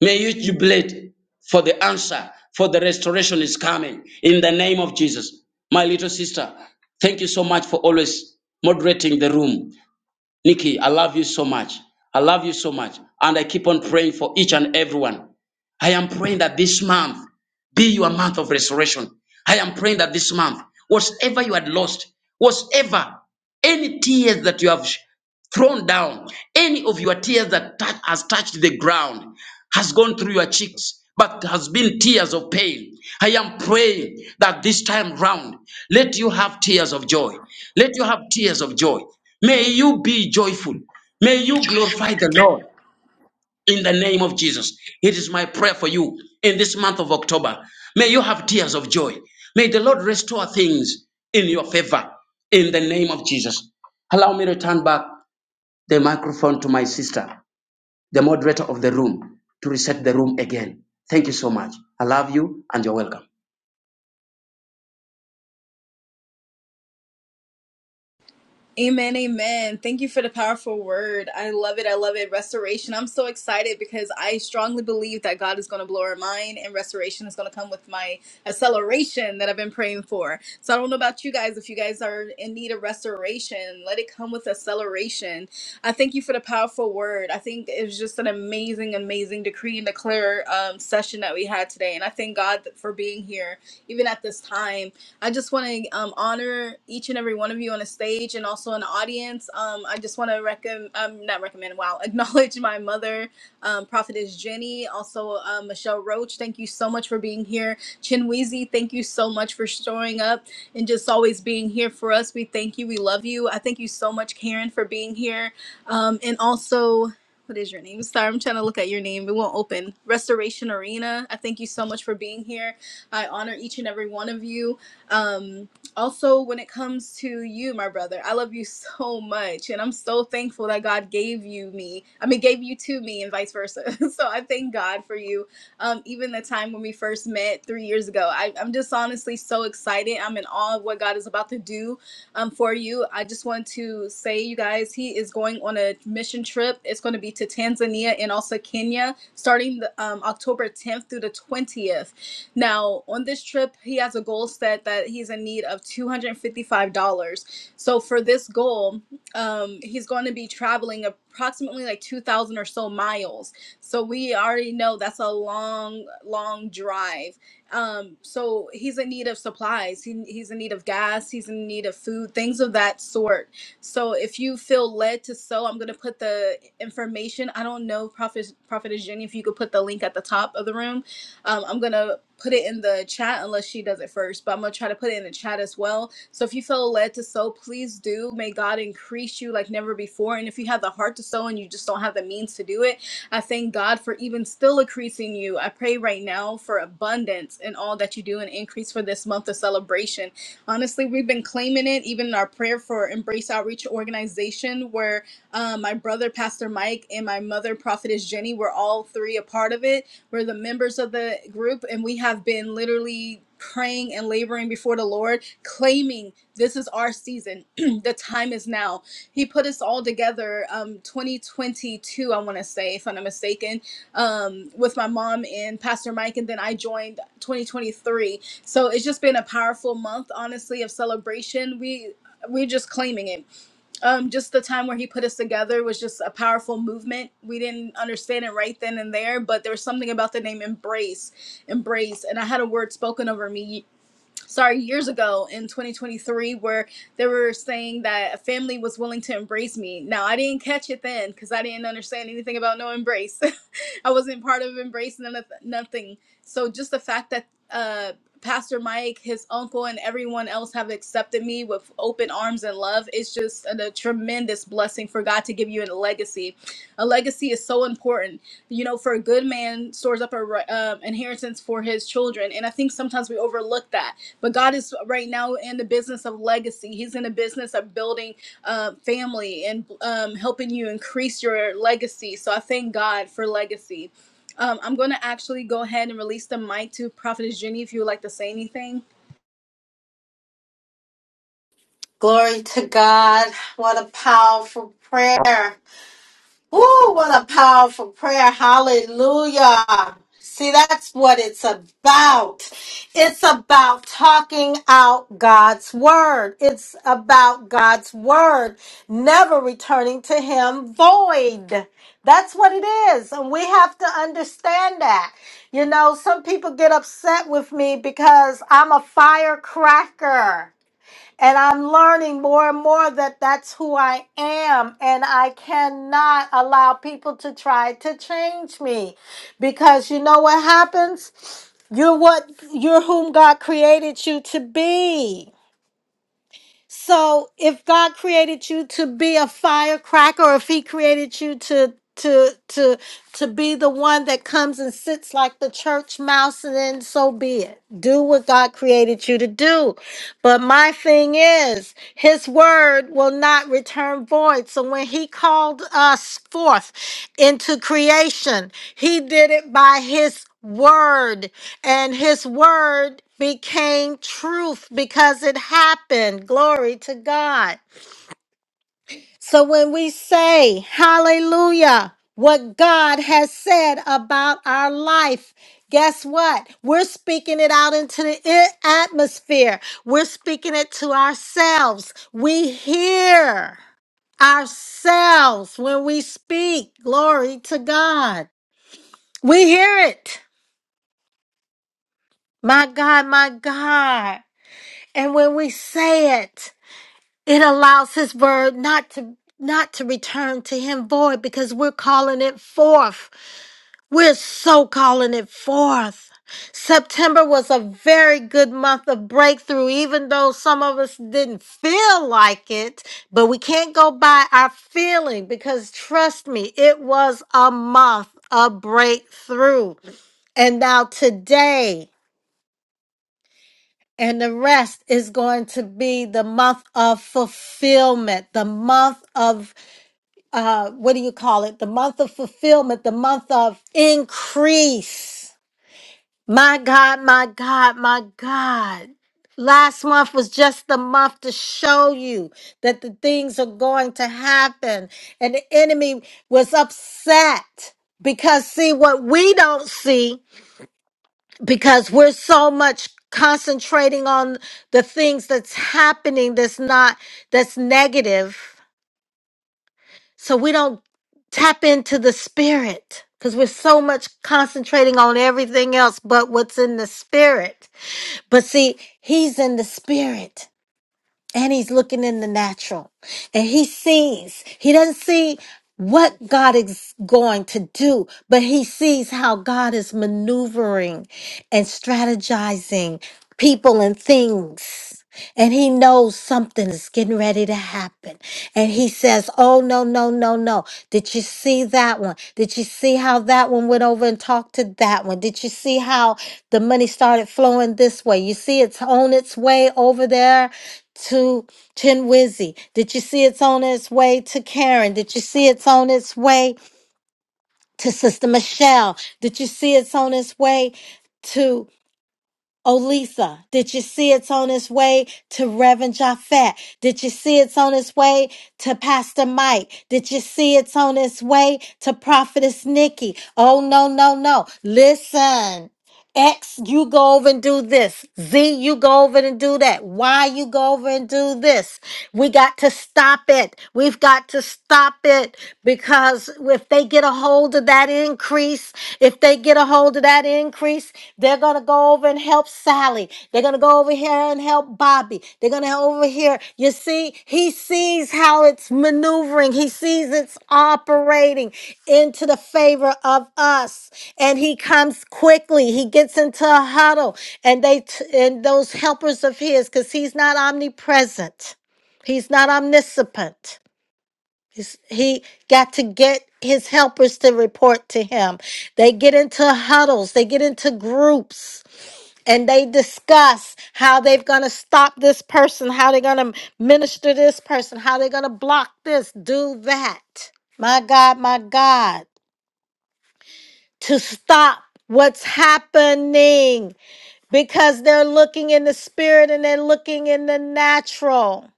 C: May you jubilate for the answer, for the restoration is coming. In the name of Jesus. My little sister, thank you so much for always moderating the room. Nikki, I love you so much. I love you so much. And I keep on praying for each and everyone. I am praying that this month be your month of restoration. I am praying that this month, whatever you had lost, whatever, any tears that you have thrown down. Any of your tears that touch, has touched the ground has gone through your cheeks, but has been tears of pain. I am praying that this time round, let you have tears of joy. Let you have tears of joy. May you be joyful. May you glorify the Lord in the name of Jesus. It is my prayer for you in this month of October. May you have tears of joy. May the Lord restore things in your favor in the name of Jesus. Allow me to turn back the microphone to my sister, the moderator of the room, to reset the room again. Thank you so much. I love you and you're welcome.
A: Amen, amen. Thank you for the powerful word. I love it. I love it. Restoration. I'm so excited because I strongly believe that God is going to blow our mind and restoration is going to come with my acceleration that I've been praying for. So I don't know about you guys. If you guys are in need of restoration, let it come with acceleration. I thank you for the powerful word. I think it was just an amazing, amazing decree and declare um, session that we had today. And I thank God for being here even at this time I just want to um, honor each and every one of you on the stage and also in the audience. Um, I just want to recommend, um, not recommend, wow, acknowledge my mother, um, Prophetess Jenny, also uh, Michelle Roach. Thank you so much for being here. Chinweezy, thank you so much for showing up and just always being here for us. We thank you. We love you. I thank you so much, Karen, for being here. Um, and also, what is your name? Sorry, I'm trying to look at your name. It won't open. Restoration Arena. I thank you so much for being here. I honor each and every one of you. Um, also, when it comes to you, my brother, I love you so much, and I'm so thankful that God gave you me. I mean, gave you to me, and vice versa. so I thank God for you. Um, even the time when we first met three years ago, I, I'm just honestly so excited. I'm in awe of what God is about to do um, for you. I just want to say, you guys, he is going on a mission trip. It's going to be to Tanzania and also Kenya, starting the, um, October 10th through the 20th now, on this trip, he has a goal set that he's in need of $255. So, for this goal, um, he's going to be traveling approximately like 2,000 or so miles. So, we already know that's a long, long drive. Um, so, he's in need of supplies, he, he's in need of gas, he's in need of food, things of that sort. So, if you feel led to sow, I'm going to put the information. I don't know, Prophet, Prophet Jenny, if you could put the link at the top of the room um, I'm gonna put it in the chat unless she does it first, but I'm gonna try to put it in the chat as well. So if you feel led to sow, please do. May God increase you like never before. And if you have the heart to sow and you just don't have the means to do it, I thank God for even still increasing you. I pray right now for abundance in all that you do and increase for this month of celebration. Honestly, we've been claiming it even in our prayer for Embrace Outreach Organization, where um, my brother, Pastor Mike, and my mother, Prophetess Jenny, were all three a part of it. We're the members of the group, and we have been literally praying and laboring before the Lord, claiming this is our season. the time is now. He put us all together, um, 2022, I want to say, if I'm not mistaken, um, with my mom and Pastor Mike, and then I joined 2023. So it's just been a powerful month, honestly, of celebration. We we're just claiming it um, just the time where he put us together was just a powerful movement. We didn't understand it right then and there, but there was something about the name embrace, embrace. And I had a word spoken over me sorry, years ago in 2023 where they were saying that a family was willing to embrace me. Now, I didn't catch it then because I didn't understand anything about no embrace. I wasn't part of embrace, none of, nothing. So just the fact that uh, Pastor Mike, his uncle, and everyone else have accepted me with open arms and love is just a, a tremendous blessing for God to give you in a legacy a legacy is so important. You know, for a good man stores up a ri- um, inheritance for his children, and I think sometimes we overlook that. But God is right now in the business of legacy. He's in the business of building uh, family and um, helping you increase your legacy. So I thank God for legacy. Um, I'm going to actually go ahead and release the mic to Prophetess Jenny if you would like to say anything.
D: Glory to God. What a powerful prayer. Woo, what a powerful prayer. Hallelujah. See, that's what it's about. It's about talking out God's word. It's about God's word never returning to Him void. That's what it is. And we have to understand that. You know, some people get upset with me because I'm a firecracker. And I'm learning more and more that that's who I am. And I cannot allow people to try to change me because you know what happens? You're what you're whom God created you to be. So if God created you to be a firecracker, if He created you to to to to be the one that comes and sits like the church mouse, and then so be it. Do what God created you to do. But my thing is, His word will not return void. So when He called us forth into creation, He did it by His word and his word became truth because it happened. Glory to God. So when we say hallelujah, what God has said about our life, guess what? We're speaking it out into the i- atmosphere. We're speaking it to ourselves. We hear ourselves when we speak. Glory to God. We hear it. My God, my God. And when we say it, it allows his word not to not to return to him void because we're calling it forth. We're so calling it forth. September was a very good month of breakthrough, even though some of us didn't feel like it. But we can't go by our feeling because, trust me, it was a month of breakthrough. And now today, and the rest is going to be the month of fulfillment, the month of, uh, what do you call it? The month of fulfillment, the month of increase. My God, my God, my God. Last month was just the month to show you that the things are going to happen. And the enemy was upset because, see, what we don't see because we're so much concentrating on the things that's happening that's not that's negative so we don't tap into the spirit because we're so much concentrating on everything else but what's in the spirit but see he's in the spirit and he's looking in the natural and he sees he doesn't see what god is going to do but he sees how god is maneuvering and strategizing people and things and he knows something is getting ready to happen. And he says, Oh, no, no, no, no. Did you see that one? Did you see how that one went over and talked to that one? Did you see how the money started flowing this way? You see it's on its way over there to Chinwizzy. Did you see it's on its way to Karen? Did you see it's on its way to Sister Michelle? Did you see it's on its way? to?" Oh, Lisa, did you see it's on its way to Reverend Japhet? Did you see it's on its way to Pastor Mike? Did you see it's on its way to Prophetess Nikki? Oh, no, no, no. Listen. X, you go over and do this. Z, you go over and do that. Y, you go over and do this. We got to stop it. We've got to stop it because if they get a hold of that increase, if they get a hold of that increase, they're going to go over and help Sally. They're going to go over over here and help Bobby. They're going to over here. You see, he sees how it's maneuvering. He sees it's operating into the favor of us. And he comes quickly. He gets into a huddle and they t- and those helpers of his cuz he's not omnipresent. He's not omniscient. He's, he got to get his helpers to report to him. They get into huddles, they get into groups and they discuss how they're going to stop this person, how they're going to minister this person, how they're going to block this, do that. My God, my God, to stop what's happening because they're looking in the spirit and they're looking in the natural.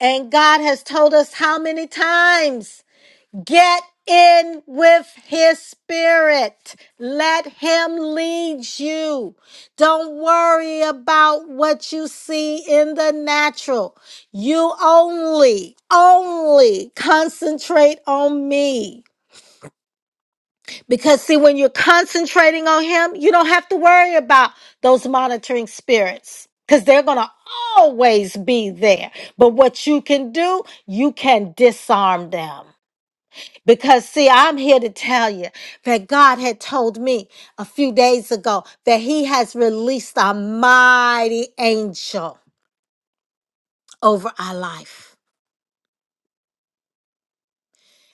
D: And God has told us how many times Get in with his spirit. Let him lead you. Don't worry about what you see in the natural. You only, only concentrate on me. Because, see, when you're concentrating on him, you don't have to worry about those monitoring spirits because they're going to always be there. But what you can do, you can disarm them. Because, see, I'm here to tell you that God had told me a few days ago that He has released a mighty angel over our life.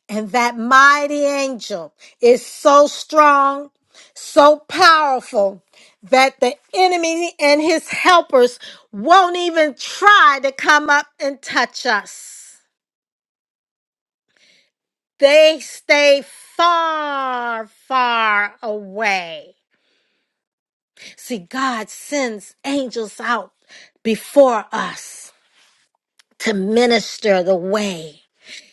D: And that mighty angel is so strong, so powerful, that the enemy and his helpers won't even try to come up and touch us. They stay far, far away. See, God sends angels out before us to minister the way.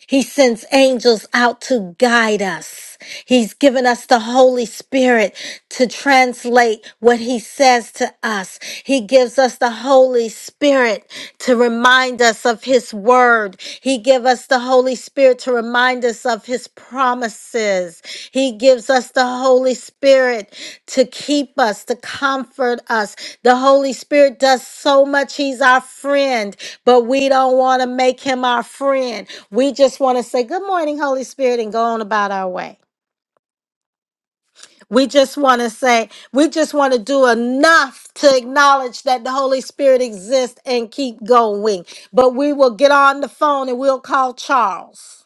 D: He sends angels out to guide us. He's given us the Holy Spirit to translate what He says to us. He gives us the Holy Spirit to remind us of His word. He gives us the Holy Spirit to remind us of His promises. He gives us the Holy Spirit to keep us, to comfort us, the Holy Spirit does so much. He's our friend, but we don't want to make him our friend. We just want to say, Good morning, Holy Spirit, and go on about our way. We just want to say, we just want to do enough to acknowledge that the Holy Spirit exists and keep going. But we will get on the phone and we'll call Charles.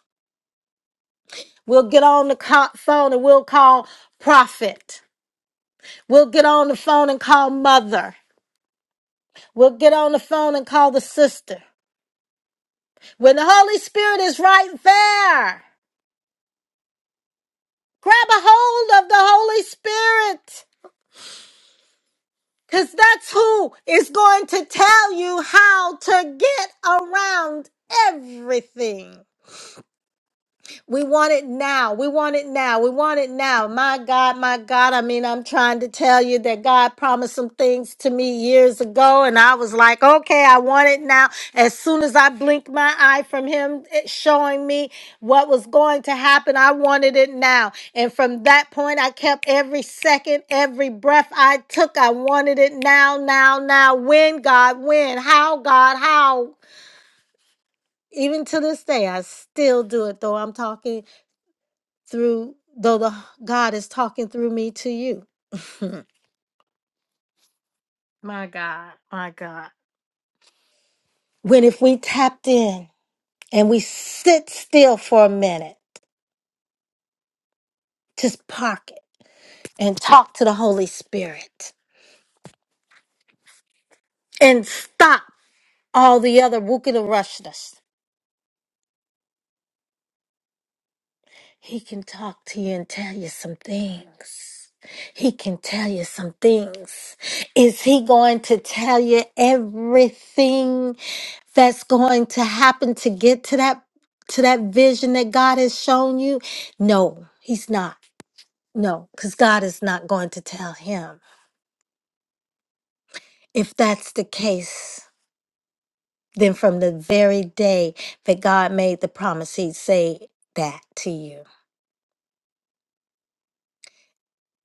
D: We'll get on the co- phone and we'll call Prophet. We'll get on the phone and call Mother. We'll get on the phone and call the sister. When the Holy Spirit is right there, grab a hold of the Holy Spirit because that's who is going to tell you how to get around everything. We want it now. We want it now. We want it now. My God, my God. I mean, I'm trying to tell you that God promised some things to me years ago, and I was like, okay, I want it now. As soon as I blinked my eye from Him it showing me what was going to happen, I wanted it now. And from that point, I kept every second, every breath I took, I wanted it now, now, now. When, God, when? How, God, how? Even to this day, I still do it, though I'm talking through though the God is talking through me to you. my God, my God. When if we tapped in and we sit still for a minute, just park it and talk to the Holy Spirit and stop all the other wookida rushness. He can talk to you and tell you some things. He can tell you some things. Is he going to tell you everything? that's going to happen to get to that to that vision that God has shown you? No, he's not. No, cuz God is not going to tell him. If that's the case, then from the very day that God made the promise, he'd say that to you.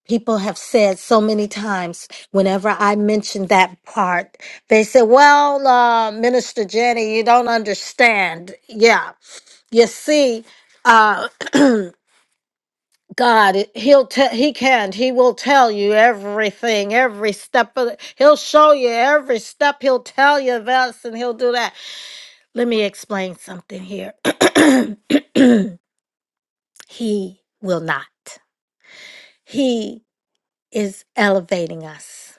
D: People have said so many times whenever I mention that part, they say, Well, uh, Minister Jenny, you don't understand. Yeah. You see, uh, God, it- he'll tell he can he will tell you everything, every step of the, he'll show you every step. He'll tell you this and he'll do that. Let me explain something here. he will not. He is elevating us.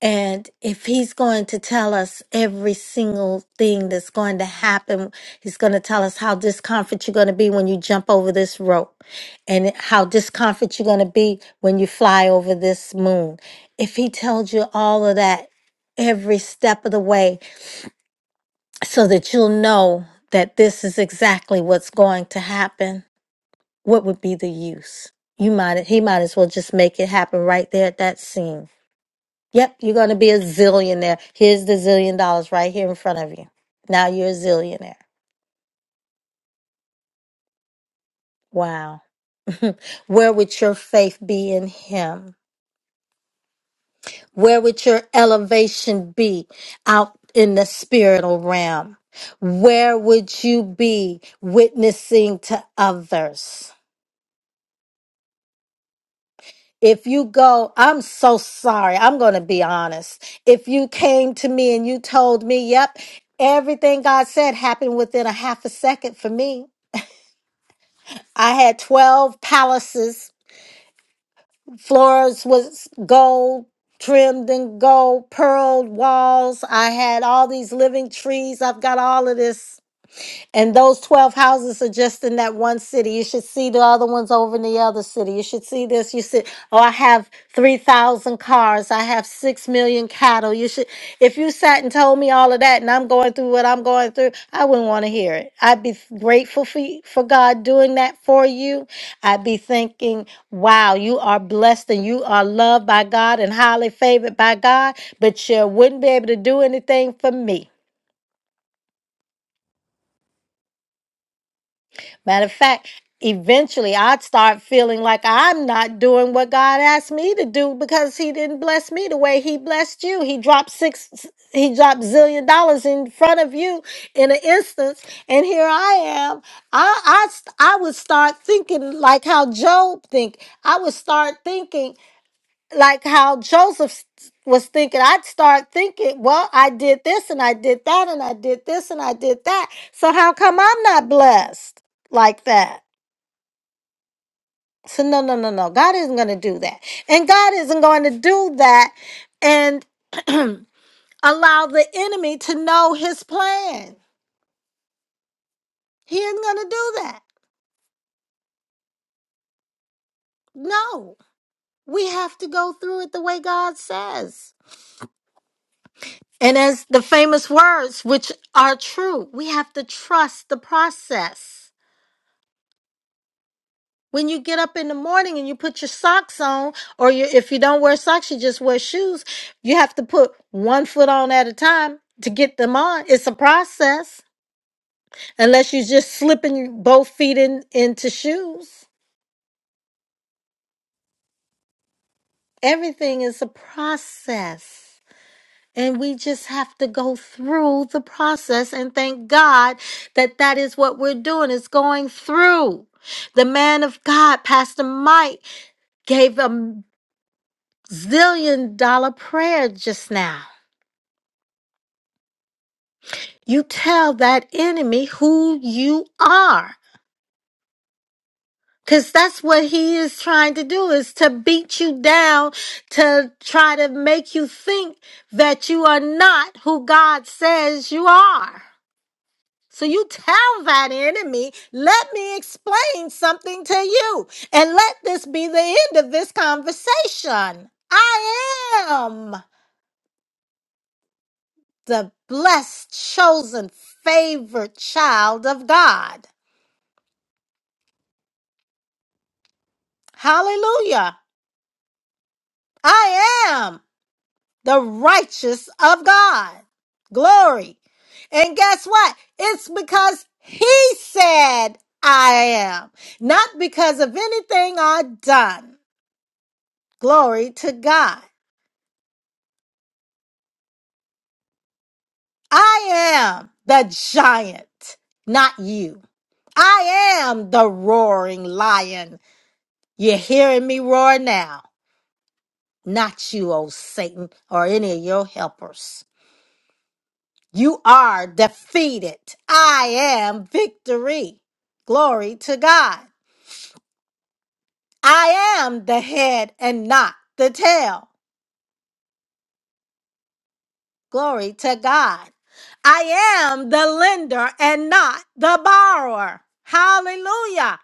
D: And if he's going to tell us every single thing that's going to happen, he's going to tell us how discomfort you're going to be when you jump over this rope and how discomfort you're going to be when you fly over this moon. If he tells you all of that every step of the way so that you'll know that this is exactly what's going to happen, what would be the use? You might he might as well just make it happen right there at that scene. Yep, you're going to be a zillionaire. Here's the zillion dollars right here in front of you. Now you're a zillionaire. Wow. Where would your faith be in Him? Where would your elevation be out in the spiritual realm? Where would you be witnessing to others? If you go, I'm so sorry. I'm going to be honest. If you came to me and you told me, yep, everything God said happened within a half a second for me. I had 12 palaces. Floors was gold, trimmed in gold, pearled walls. I had all these living trees. I've got all of this and those 12 houses are just in that one city. You should see the other ones over in the other city. You should see this. You should, oh, I have 3,000 cars. I have 6 million cattle. You should, if you sat and told me all of that and I'm going through what I'm going through, I wouldn't want to hear it. I'd be grateful for, y- for God doing that for you. I'd be thinking, wow, you are blessed and you are loved by God and highly favored by God, but you wouldn't be able to do anything for me. Matter of fact, eventually I'd start feeling like I'm not doing what God asked me to do because He didn't bless me the way He blessed you. He dropped six, He dropped zillion dollars in front of you in an instance, and here I am. I I st- I would start thinking like how Job think. I would start thinking like how Joseph s- was thinking, I'd start thinking, well, I did this and I did that and I did this and I did that. So how come I'm not blessed like that? So no, no, no, no. God isn't going to do that. And God isn't going to do that and allow the enemy to know his plan. He isn't going to do that. No. We have to go through it the way God says. And as the famous words, which are true, we have to trust the process. When you get up in the morning and you put your socks on, or you, if you don't wear socks, you just wear shoes, you have to put one foot on at a time to get them on. It's a process, unless you're just slipping your- both feet in, into shoes. Everything is a process. And we just have to go through the process and thank God that that is what we're doing is going through. The man of God, Pastor Mike, gave a zillion dollar prayer just now. You tell that enemy who you are. Cause that's what he is trying to do is to beat you down, to try to make you think that you are not who God says you are. So you tell that enemy, let me explain something to you, and let this be the end of this conversation. I am the blessed, chosen, favored child of God. Hallelujah. I am the righteous of God. Glory. And guess what? It's because he said I am, not because of anything I've done. Glory to God. I am the giant, not you. I am the roaring lion. You're hearing me roar now, not you, old Satan, or any of your helpers. You are defeated. I am victory. Glory to God. I am the head and not the tail. Glory to God. I am the lender and not the borrower. Hallelujah.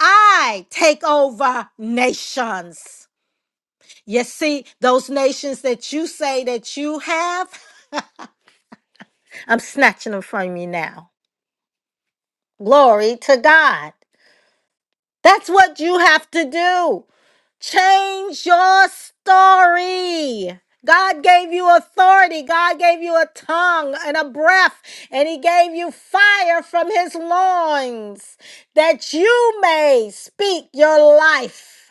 D: I take over nations. You see, those nations that you say that you have, I'm snatching them from you now. Glory to God. That's what you have to do. Change your story. God gave you authority. God gave you a tongue and a breath, and He gave you fire from His loins that you may speak your life.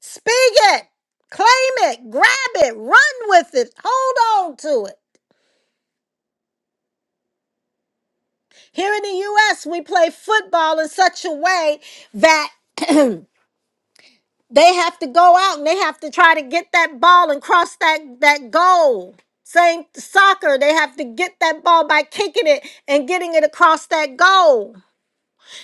D: Speak it, claim it, grab it, run with it, hold on to it. Here in the U.S., we play football in such a way that They have to go out and they have to try to get that ball and cross that, that goal. Same soccer, they have to get that ball by kicking it and getting it across that goal.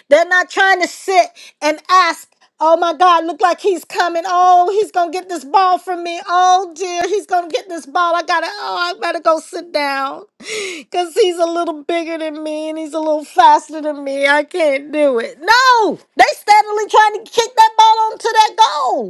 D: They're not trying to sit and ask, oh my God, look like he's coming. Oh, he's going to get this ball from me. Oh dear, he's going to get this ball. I got to, oh, I better go sit down because he's a little bigger than me and he's a little faster than me. I can't do it. No, they steadily trying to kick that ball onto that goal.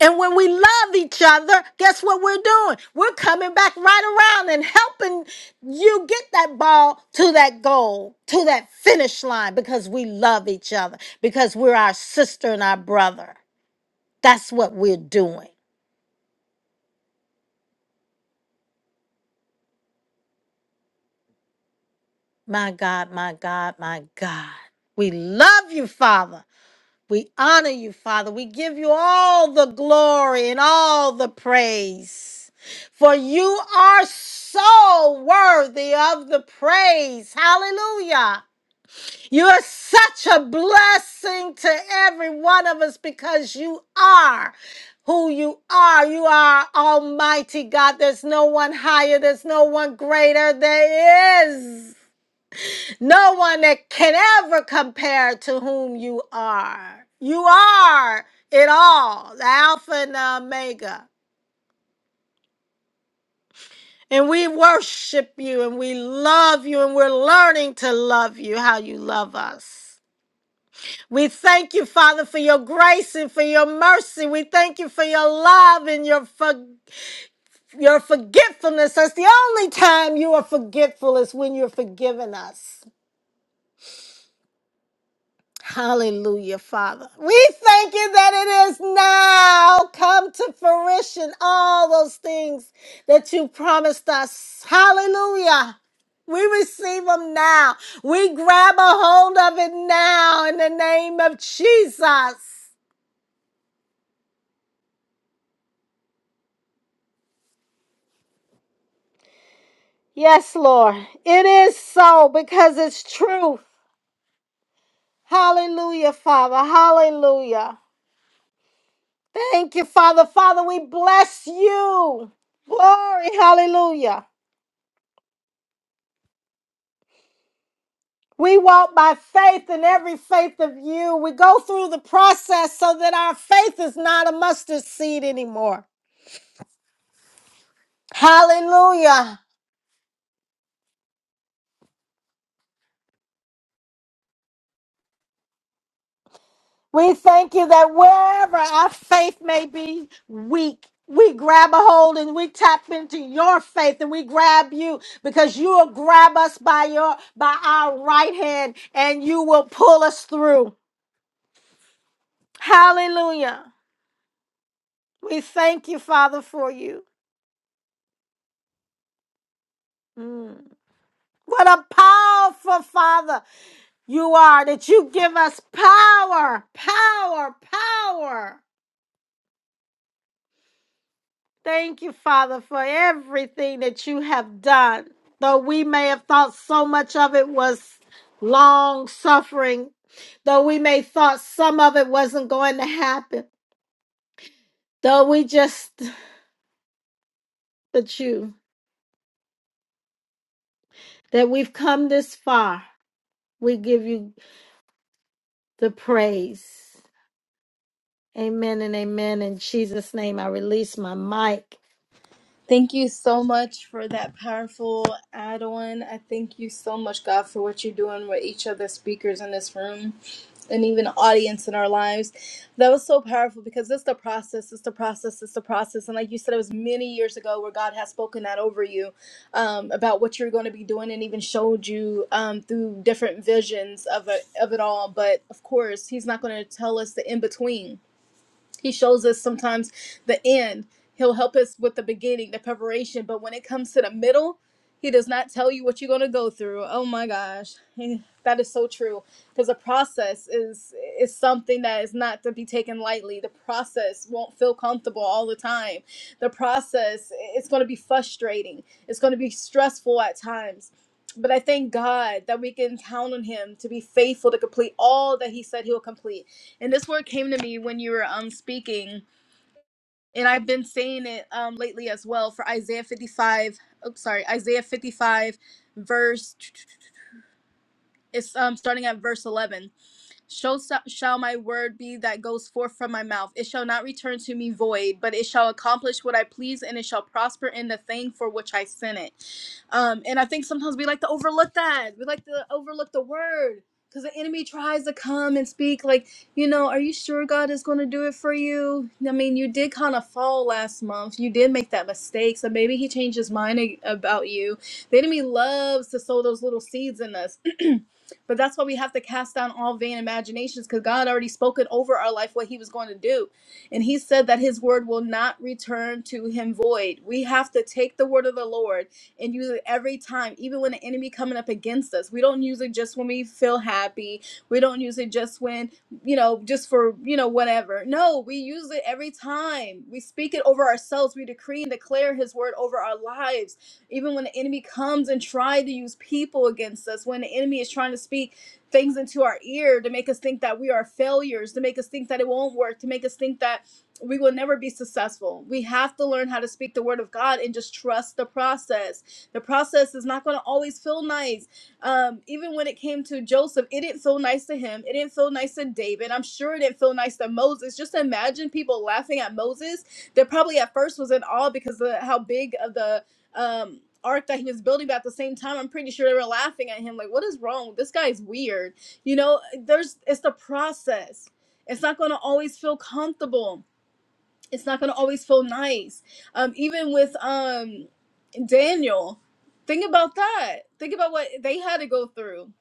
D: And when we love each other, guess what we're doing? We're coming back right around and helping you get that ball to that goal, to that finish line, because we love each other, because we're our sister and our brother. That's what we're doing. My God, my God, my God. We love you, Father. We honor you, Father. We give you all the glory and all the praise. For you are so worthy of the praise. Hallelujah. You are such a blessing to every one of us because you are who you are. You are Almighty God. There's no one higher, there's no one greater. There is. No one that can ever compare to whom you are. You are it all, the Alpha and the Omega. And we worship you and we love you and we're learning to love you how you love us. We thank you, Father, for your grace and for your mercy. We thank you for your love and your for- your forgetfulness. That's the only time you are forgetful is when you're forgiving us. Hallelujah, Father. We thank you that it is now come to fruition all those things that you promised us. Hallelujah. We receive them now. We grab a hold of it now in the name of Jesus. Yes, Lord. It is so because it's truth. Hallelujah, Father. Hallelujah. Thank you, Father. Father, we bless you. Glory. Hallelujah. We walk by faith and every faith of you. We go through the process so that our faith is not a mustard seed anymore. Hallelujah. We thank you that wherever our faith may be weak, we grab a hold and we tap into your faith and we grab you because you will grab us by your by our right hand and you will pull us through. Hallelujah. We thank you, Father, for you. Mm. What a powerful Father. You are that you give us power, power, power. Thank you, Father, for everything that you have done. Though we may have thought so much of it was long suffering, though we may thought some of it wasn't going to happen, though we just, but you, that we've come this far, we give you the praise. Amen and amen. In Jesus' name, I release my mic.
A: Thank you so much for that powerful add on. I thank you so much, God, for what you're doing with each of the speakers in this room and even audience in our lives. That was so powerful because it's the process, it's the process, it's the process. And like you said, it was many years ago where God has spoken that over you um, about what you're going to be doing and even showed you um, through different visions of it, of it all. But of course, He's not going to tell us the in between he shows us sometimes the end he'll help us with the beginning the preparation but when it comes to the middle he does not tell you what you're going to go through oh my gosh that is so true because a process is is something that is not to be taken lightly the process won't feel comfortable all the time the process it's going to be frustrating it's going to be stressful at times but i thank god that we can count on him to be faithful to complete all that he said he will complete and this word came to me when you were um speaking, and I've been saying it um lately as well for Isaiah 55. Oops, sorry, Isaiah 55, verse. It's um starting at verse 11. So shall my word be that goes forth from my mouth. It shall not return to me void, but it shall accomplish what I please, and it shall prosper in the thing for which I sent it. Um, and I think sometimes we like to overlook that. We like to overlook the word because the enemy tries to come and speak like, you know, are you sure God is going to do it for you? I mean, you did kind of fall last month. You did make that mistake, so maybe He changed His mind a- about you. The enemy loves to sow those little seeds in us but that's why we have to cast down all vain imaginations because God already spoken over our life what He was going to do. And He said that His word will not return to Him void. We have to take the word of the Lord and use it every time, even when the enemy coming up against us. We don't use it just when we feel happy. We don't use it just when, you know, just for, you know, whatever. No, we use it every time. We speak it over ourselves. We decree and declare His word over our lives even when the enemy comes and try to use people against us, when the enemy is trying to speak things into our ear to make us think that we are failures, to make us think that it won't work, to make us think that we will never be successful. We have to learn how to speak the word of God and just trust the process. The process is not going to always feel nice. Um, even when it came to Joseph, it didn't feel nice to him. It didn't feel nice to David. I'm sure it didn't feel nice to Moses. Just imagine people laughing at Moses. They probably at first was in awe because of how big of the um arc that he was building but at the same time i'm pretty sure they were laughing at him like what is wrong this guy is weird you know there's it's the process it's not going to always feel comfortable it's not going to always feel nice um even with um daniel think about that think about what they had to go through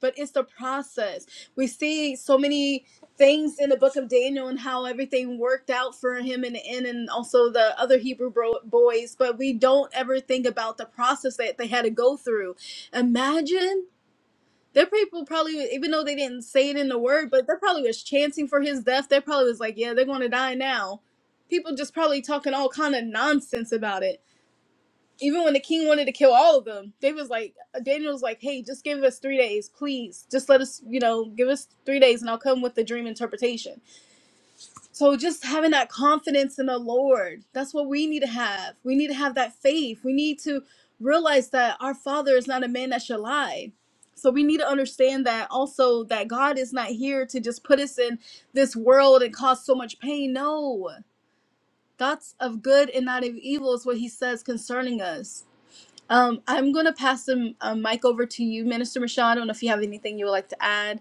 A: but it's the process. We see so many things in the book of Daniel and how everything worked out for him in the end, and also the other Hebrew bro- boys, but we don't ever think about the process that they had to go through. Imagine. Their people probably, even though they didn't say it in the word, but they probably was chanting for his death. They probably was like, "Yeah, they're going to die now." People just probably talking all kind of nonsense about it even when the king wanted to kill all of them, they was like, uh, Daniel was like, hey, just give us three days, please. Just let us, you know, give us three days and I'll come with the dream interpretation. So just having that confidence in the Lord, that's what we need to have. We need to have that faith. We need to realize that our father is not a man that should lie. So we need to understand that also that God is not here to just put us in this world and cause so much pain. No. Thoughts of good and not of evil is what he says concerning us. Um, I'm going to pass the um, mic over to you, Minister Machado, I don't know if you have anything you would like to add.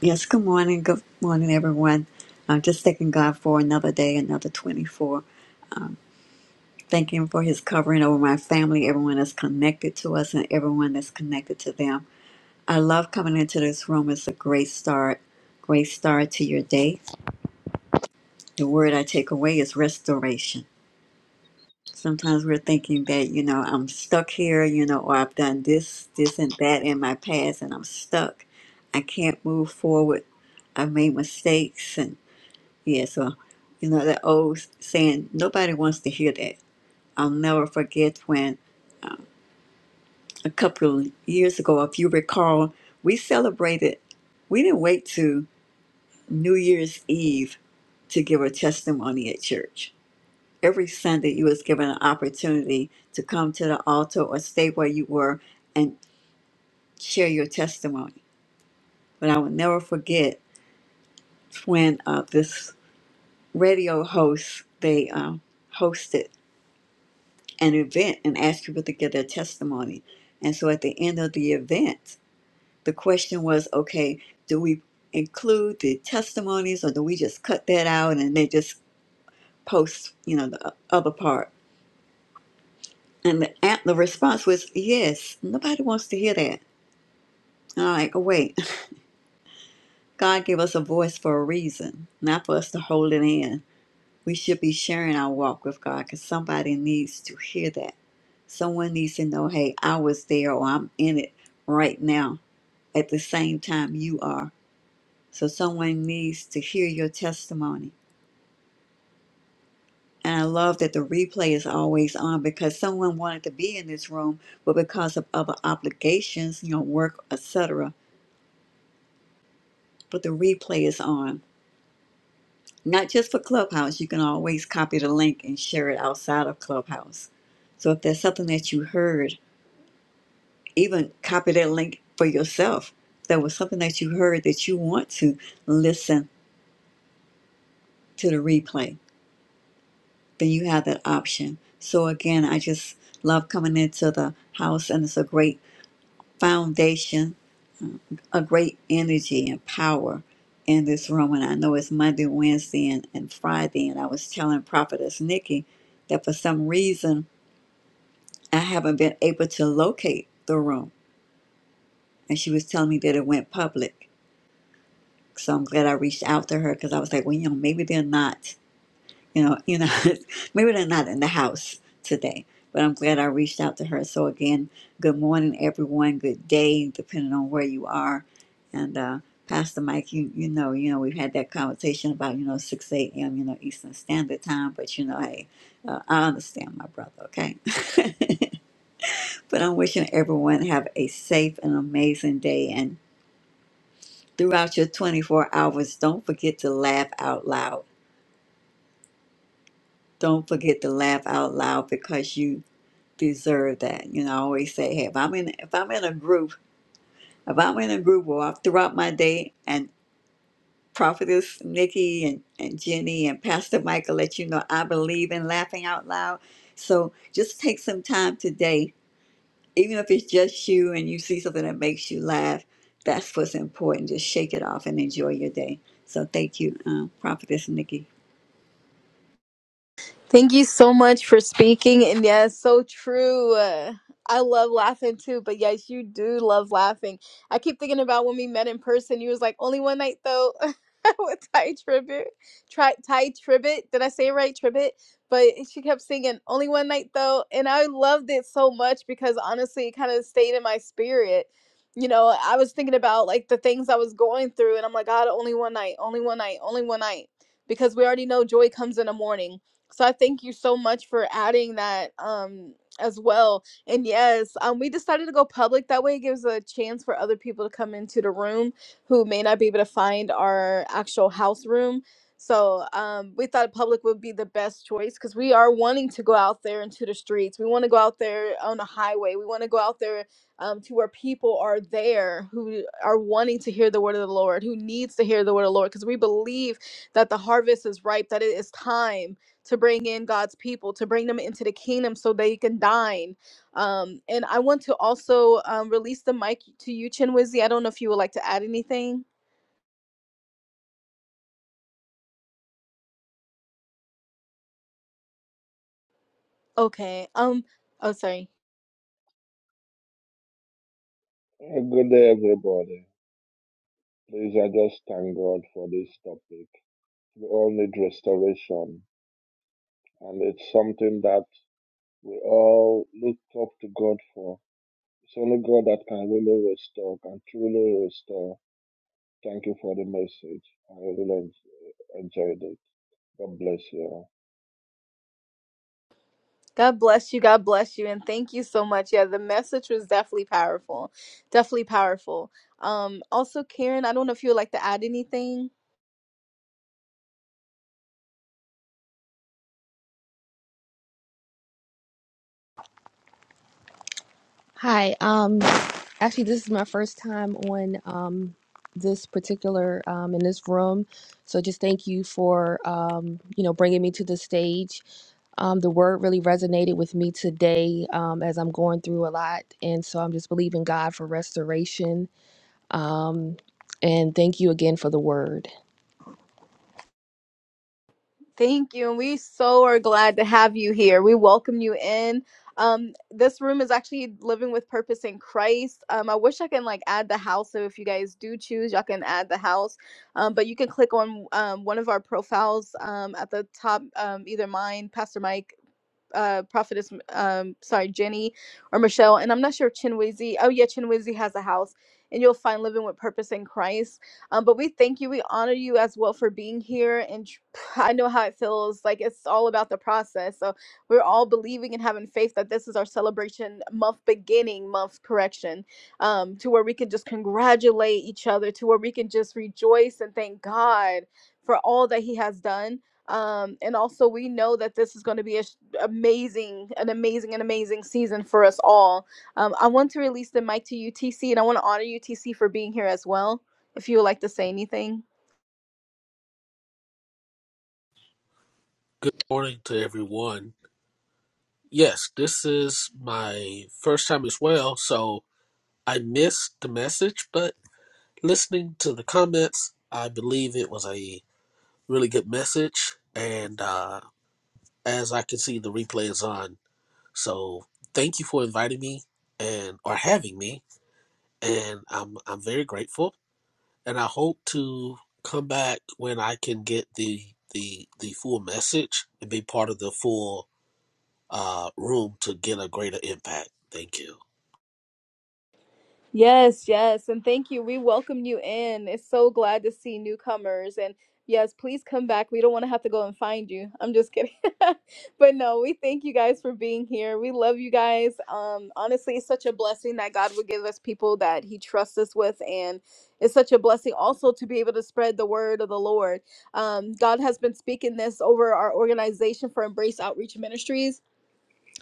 E: Yes, good morning. Good morning, everyone. I'm just thanking God for another day, another 24. Thank Him for His covering over my family, everyone that's connected to us, and everyone that's connected to them. I love coming into this room. It's a great start, great start to your day. The word I take away is restoration. Sometimes we're thinking that, you know, I'm stuck here, you know, or I've done this, this, and that in my past, and I'm stuck. I can't move forward. I've made mistakes and. Yeah, so you know that old saying, nobody wants to hear that. I'll never forget when a couple of years ago, if you recall, we celebrated, we didn't wait to New Year's Eve to give a testimony at church. Every Sunday you was given an opportunity to come to the altar or stay where you were and share your testimony. But I will never forget when uh, this radio host, they um, hosted an event and ask people to give their testimony. And so at the end of the event, the question was okay, do we include the testimonies or do we just cut that out and they just post, you know, the other part? And the, an- the response was yes, nobody wants to hear that. And I'm like, oh, wait, God gave us a voice for a reason, not for us to hold it in. We should be sharing our walk with God because somebody needs to hear that. Someone needs to know, hey, I was there or I'm in it right now at the same time you are. So someone needs to hear your testimony. And I love that the replay is always on because someone wanted to be in this room, but because of other obligations, you know, work, etc. But the replay is on. Not just for Clubhouse, you can always copy the link and share it outside of Clubhouse. So if there's something that you heard, even copy that link for yourself. If there was something that you heard that you want to listen to the replay then you have that option. So again, I just love coming into the house, and it's a great foundation, um, a great energy and power in this room. And I know it's Monday, Wednesday, and, and Friday, and I was telling Prophetess Nikki that for some reason I haven't been able to locate the room, and she was telling me that it went public. So I'm glad I reached out to her because I was like, well, you know, maybe they're not. you know, you know, maybe they're not in the house today, but I'm glad I reached out to her. So again, good morning, everyone. Good day, depending on where you are. And uh, Pastor Mike, you you know, you know, we've had that conversation about you know 6 a.m. you know Eastern Standard Time, but you know, hey, uh, I understand my brother, okay? but I'm wishing everyone have a safe and amazing day. And throughout your 24 hours, don't forget to laugh out loud. Don't forget to laugh out loud because you deserve that. You know, I always say, hey, if I'm in if I'm in a group, if I'm in a group where throughout my day and Prophetess Nikki and, and Jenny and Pastor Michael let you know I believe in laughing out loud. So just take some time today, even if it's just you and you see something that makes you laugh, that's what's important. Just shake it off and enjoy your day. So thank you, um, Prophetess Nikki.
A: Thank you so much for speaking. And yeah, it's so true. Uh, I love laughing too, but yes, you do love laughing. I keep thinking about when we met in person. You was like, only one night though with Ty Tribbett. try Ty Tribbett. Did I say it right? Tribbett? But she kept singing, only one night though. And I loved it so much because honestly, it kind of stayed in my spirit. You know, I was thinking about like the things I was going through, and I'm like, God, only one night, only one night, only one night. Because we already know joy comes in the morning so I thank you so much for adding that um as well. And yes, um we decided to go public that way it gives a chance for other people to come into the room who may not be able to find our actual house room. So um we thought public would be the best choice cuz we are wanting to go out there into the streets. We want to go out there on the highway. We want to go out there um, to where people are there who are wanting to hear the word of the Lord, who needs to hear the word of the Lord, because we believe that the harvest is ripe, that it is time to bring in God's people, to bring them into the kingdom so they can dine. Um, and I want to also um, release the mic to you, Chinwizy. I don't know if you would like to add anything. Okay. Um. Oh, sorry.
F: Uh, Good day, everybody. Please, I just thank God for this topic. We all need restoration, and it's something that we all look up to God for. It's only God that can really restore, can truly restore. Thank you for the message. I really en- enjoyed it. God bless you.
A: God bless you. God bless you, and thank you so much. Yeah, the message was definitely powerful. Definitely powerful. Um. Also, Karen, I don't know if you would like to add anything.
G: Hi. Um actually this is my first time on um this particular um in this room. So just thank you for um you know bringing me to the stage. Um the word really resonated with me today um as I'm going through a lot and so I'm just believing God for restoration. Um and thank you again for the word.
A: Thank you. And we so are glad to have you here. We welcome you in. Um, this room is actually living with purpose in Christ. Um, I wish I can like add the house. So if you guys do choose, y'all can add the house. Um, but you can click on um, one of our profiles um, at the top, um, either mine, Pastor Mike uh, prophetess, um, sorry, Jenny or Michelle, and I'm not sure if Chinwizi. Oh yeah, Chinwizi has a house, and you'll find living with purpose in Christ. Um, but we thank you, we honor you as well for being here, and tr- I know how it feels. Like it's all about the process. So we're all believing and having faith that this is our celebration month beginning, month correction, um, to where we can just congratulate each other, to where we can just rejoice and thank God for all that He has done. Um, and also, we know that this is going to be a amazing, an amazing, an amazing season for us all. Um, I want to release the mic to UTC, and I want to honor UTC for being here as well. If you would like to say anything.
H: Good morning to everyone. Yes, this is my first time as well, so I missed the message, but listening to the comments, I believe it was a really good message. And uh, as I can see, the replay is on. So thank you for inviting me and or having me, and I'm I'm very grateful. And I hope to come back when I can get the the the full message and be part of the full uh, room to get a greater impact. Thank you.
A: Yes, yes. And thank you. We welcome you in. It's so glad to see newcomers. And yes, please come back. We don't want to have to go and find you. I'm just kidding. but no, we thank you guys for being here. We love you guys. Um, honestly, it's such a blessing that God would give us people that He trusts us with. And it's such a blessing also to be able to spread the word of the Lord. Um, God has been speaking this over our organization for Embrace Outreach Ministries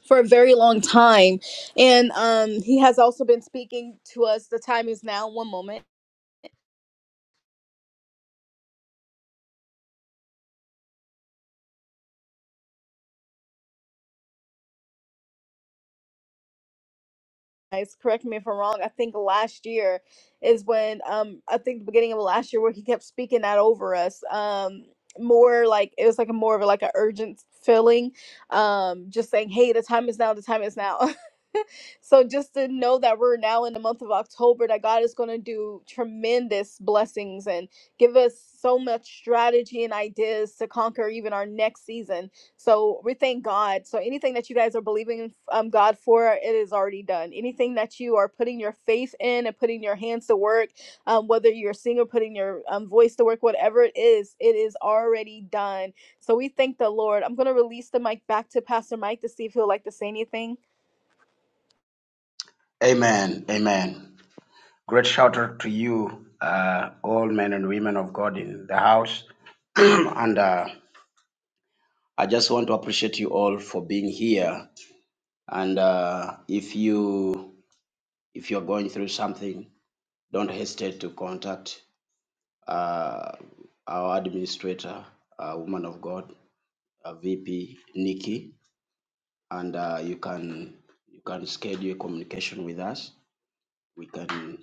A: for a very long time. And um, he has also been speaking to us. The time is now. One moment. Guys, correct me if I'm wrong. I think last year is when um, I think the beginning of last year where he kept speaking that over us. Um, more like it was like a more of a, like an urgent feeling. Um, just saying, hey, the time is now. The time is now. So just to know that we're now in the month of October, that God is going to do tremendous blessings and give us so much strategy and ideas to conquer even our next season. So we thank God. So anything that you guys are believing um, God for, it is already done. Anything that you are putting your faith in and putting your hands to work, um, whether you're singing, or putting your um, voice to work, whatever it is, it is already done. So we thank the Lord. I'm going to release the mic back to Pastor Mike to see if he'll like to say anything.
C: Amen. Amen. Great shout out to you, uh, all men and women of God in the house. and uh, I just want to appreciate you all for being here. And uh, if you if you're going through something, don't hesitate to contact uh, our administrator, uh, woman of God, uh, VP Nikki. and uh, you can you can schedule communication with us. We can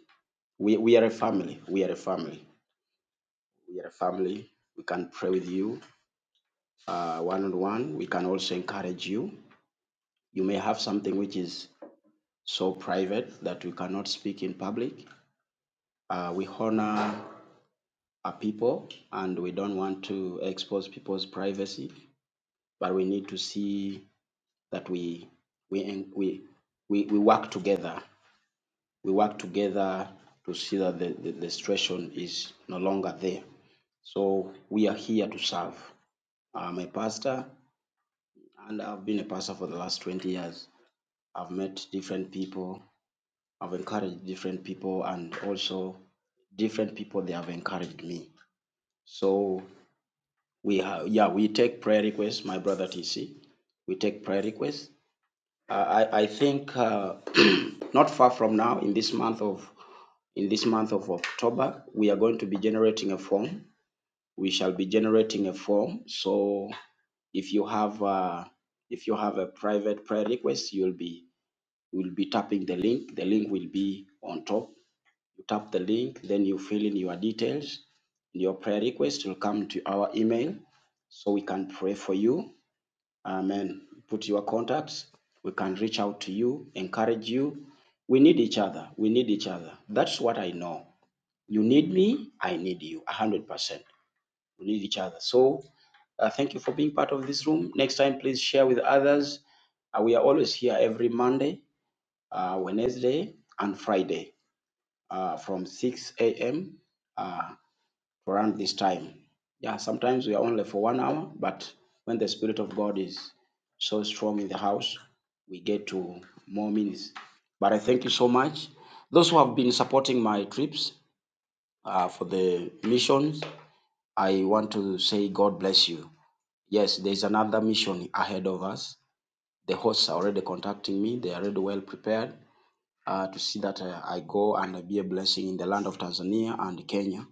C: we, we are a family. We are a family. We can do uh, one on one. We can also encourage you. You may have something which is so private that we cannot speak in public. Uh, we honor our people and we don't want to expose people's privacy, but we need to see that we we we we, we work together. We work together to see that the, the, the situation is no longer there. So we are here to serve. I'm a pastor and I've been a pastor for the last 20 years. I've met different people, I've encouraged different people, and also different people they have encouraged me. So we have, yeah, we take prayer requests, my brother TC. We take prayer requests. I, I I think uh, not far from now, in this month of in this month of October, we are going to be generating a form. We shall be generating a form. So If you have uh, if you have a private prayer request, you'll be will be tapping the link. The link will be on top. You tap the link, then you fill in your details. Your prayer request will come to our email, so we can pray for you. Amen. Put your contacts. We can reach out to you, encourage you. We need each other. We need each other. That's what I know. You need me, I need you 100%. We need each other. So, uh, thank you for being part of this room. Next time, please share with others Uh, We are always here every Monday, uh, Wednesday, and Friday uh, from 6 a.m. around this time. Yeah, sometimes we are only for one hour, but when the Spirit of God is so strong in the house, we get to more minutes. But I thank you so much. Those who have been supporting my trips uh, for the missions, I want to say God bless you. Yes, there's another mission ahead of us. The hosts are already contacting me, they are already well prepared uh, to see that uh, I go and be a blessing in the land of Tanzania and Kenya.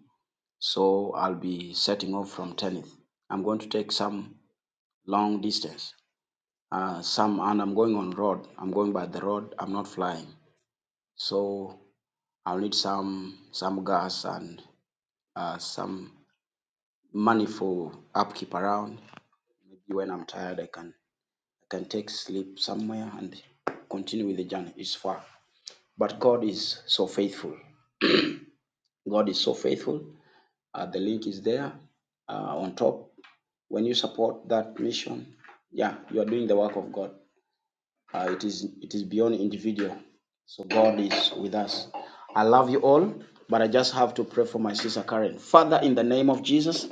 C: So I'll be setting off from Tenith. I'm going to take some long distance. Uh, some and I'm going on road. I'm going by the road. I'm not flying. So I'll need some some gas and uh, some money for upkeep around. Maybe when I'm tired, I can I can take sleep somewhere and continue with the journey. It's far, but God is so faithful. God is so faithful Uh, the link is there uh, on top. When you support that mission, yeah, you are doing the work of God. Uh, it is it is beyond individual. So God is with us. I love you all, but I just have to pray for my sister Karen. Father, in the name of Jesus,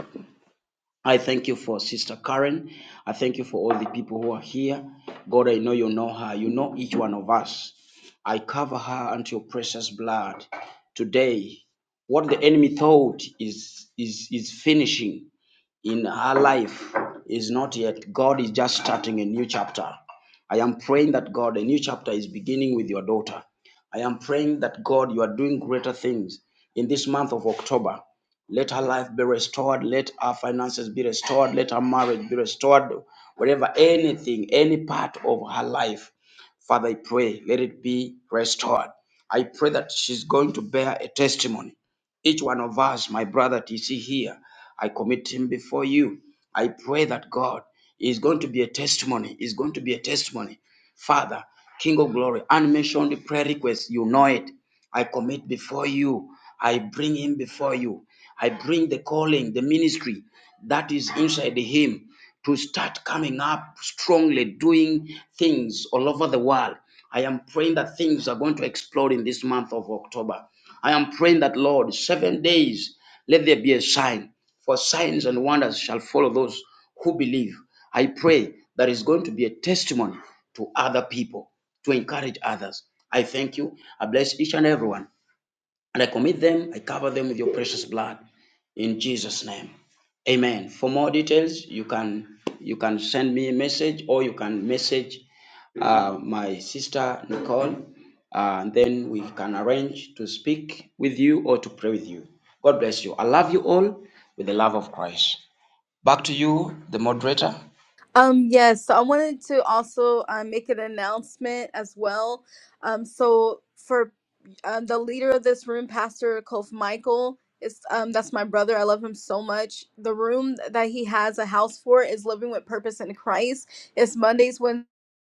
C: I thank you for Sister Karen. I thank you for all the people who are here. God, I know you know her. You know each one of us. I cover her unto your precious blood. Today, what the enemy thought is is is finishing in our life is not yet. God is just starting a new chapter. I am praying that God, a new chapter is beginning with your daughter. I am praying that God, you are doing greater things in this month of October. Let her life be restored. Let her finances be restored. Let her marriage be restored. Whatever, anything, any part of her life Father, I pray, let it be restored. I pray that she's going to bear a testimony. Each one of us, my brother TC here, I commit him before you. I pray that God is going to be a testimony, is going to be a testimony. Father, King of glory, unmentioned prayer request, you know it. I commit before you. I bring him before you. I bring the calling, the ministry that is inside him to start coming up strongly, doing things all over the world. I am praying that things are going to explode in this month of October. I am praying that, Lord, seven days, let there be a sign, for signs and wonders shall follow those who believe. I pray that is going to be a testimony to other people, to encourage others. I thank you. I bless each and everyone. And I commit them, I cover them with your precious blood in Jesus' name. Amen. For more details, you can you can send me a message or you can message uh, my sister Nicole, uh, and then we can arrange to speak with you or to pray with you. God bless you. I love you all with the love of Christ. Back to you, the moderator.
A: Um, yes, so I wanted to also uh, make an announcement as well. Um, so for um, the leader of this room, Pastor Kof Michael, is um, that's my brother. I love him so much. The room that he has a house for is Living with Purpose in Christ. It's Mondays, Wednesdays.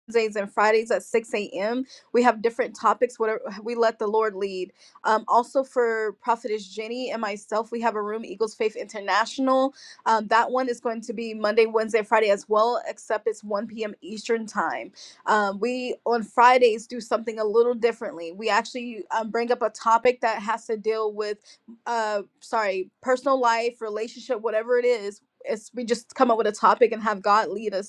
A: Wednesdays and Fridays at 6 a.m. We have different topics, whatever we let the Lord lead. Um, also, for Prophetess Jenny and myself, we have a room, Eagles Faith International. Um, that one is going to be Monday, Wednesday, Friday as well, except it's 1 p.m. Eastern Time. Um, we on Fridays do something a little differently. We actually um, bring up a topic that has to deal with, uh, sorry, personal life, relationship, whatever it is. It's, we just come up with a topic and have God lead us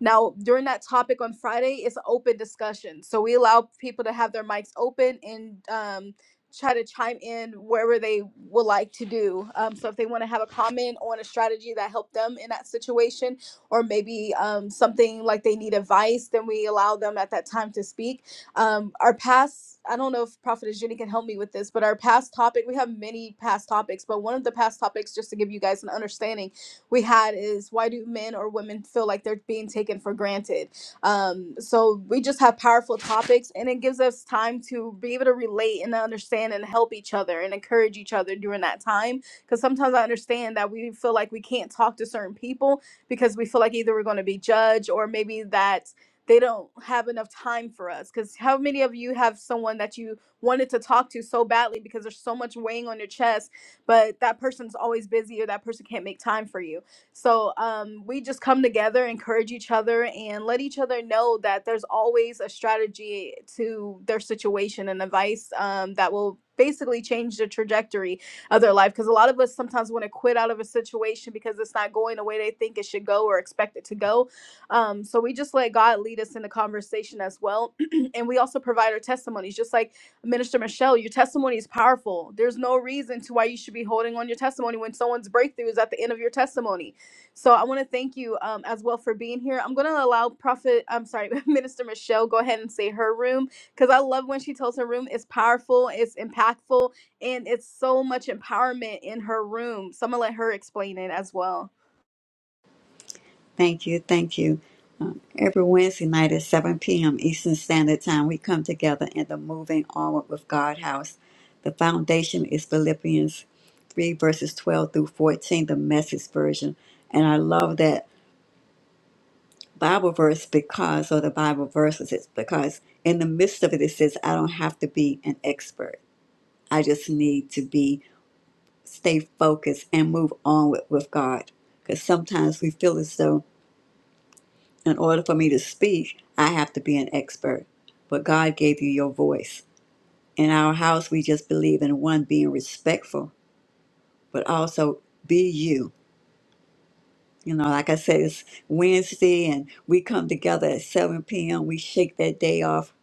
A: now, during that topic on Friday, it's an open discussion. So we allow people to have their mics open and um, try to chime in wherever they would like to do. Um, so if they want to have a comment on a strategy that helped them in that situation, or maybe um, something like they need advice, then we allow them at that time to speak. Um, our past, I don't know if Prophetess Jenny can help me with this, but our past topic, we have many past topics, but one of the past topics, just to give you guys an understanding, we had is why do men or women feel like they're being taken for granted? Um, so we just have powerful topics, and it gives us time to be able to relate and understand and help each other and encourage each other during that time. Because sometimes I understand that we feel like we can't talk to certain people because we feel like either we're going to be judged or maybe that they don't have enough time for us. Because how many of you have someone that you wanted to talk to so badly because there's so much weighing on your chest, but that person's always busy or that person can't make time for you? So um, we just come together, encourage each other, and let each other know that there's always a strategy to their situation and advice um, that will basically change the trajectory of their life. Because a lot of us sometimes want to quit out of a situation because it's not going the way they think it should go or expect it to go. Um, so we just let God lead us in the conversation as well. and we also provide our testimonies, just like Minister Michelle, your testimony is powerful. There's no reason to why you should be holding on your testimony when someone's breakthrough is at the end of your testimony so I want to thank you um, as well for being here. I'm going to allow Prophet, I'm sorry, Minister Michelle, go ahead and say her room because I love when she tells her room. It's powerful, it's impactful, and it's so much empowerment in her room. So I'm going to let her explain it as well.
E: Thank you. Thank you. Um, every Wednesday night at 7 p.m. Eastern Standard Time, we come together in the Moving Onward with God house. The foundation is Philippians 3, verses 12 through 14, the message version. And I love that Bible verse because, or the Bible verses, it's because in the midst of it, it says, I don't have to be an expert. I just need to be, stay focused and move on with, with God. Because sometimes we feel as though In order for me to speak, I have to be an expert. But God gave you your voice. In our house, we just believe in one being respectful, but also be you. You know, like I said, it's Wednesday and we come together at 7 p.m. We shake that day off.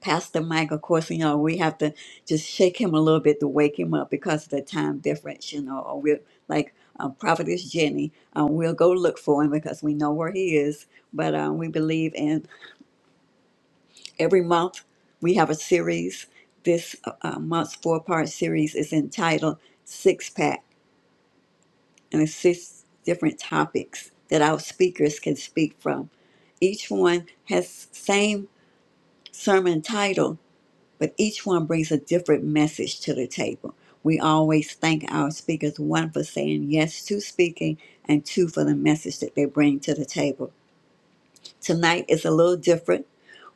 E: Pastor Mike, of course, you know, we have to just shake him a little bit to wake him up because of the time difference, you know, or we're like um, Prophetess Jenny, um, we'll go look for him because we know where he is. But um, we believe in Every month, we have a series. This uh, uh, month's four part series is entitled Six Pack and it's six different topics that our speakers can speak from. Each one has same sermon title, but each one brings a different message to the table. We always thank our speakers, one for saying yes to speaking, and two for the message that they bring to the table. Tonight is a little different.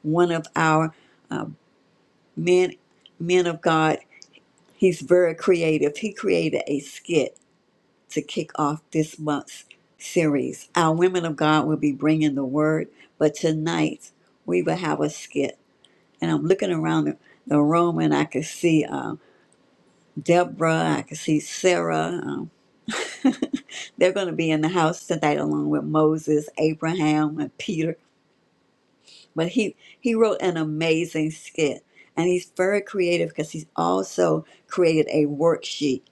E: One of our uh, men men of God He's very creative. He created a skit to kick off this month's series. Our women of God will be bringing the word, but tonight we will have a skit. And I'm looking around the, the room and I can see um, Deborah, I can see Sarah. Um, they're going to be in the house tonight along with Moses, Abraham, and Peter. But he, he wrote an amazing skit. And he's very creative because he's also created a worksheet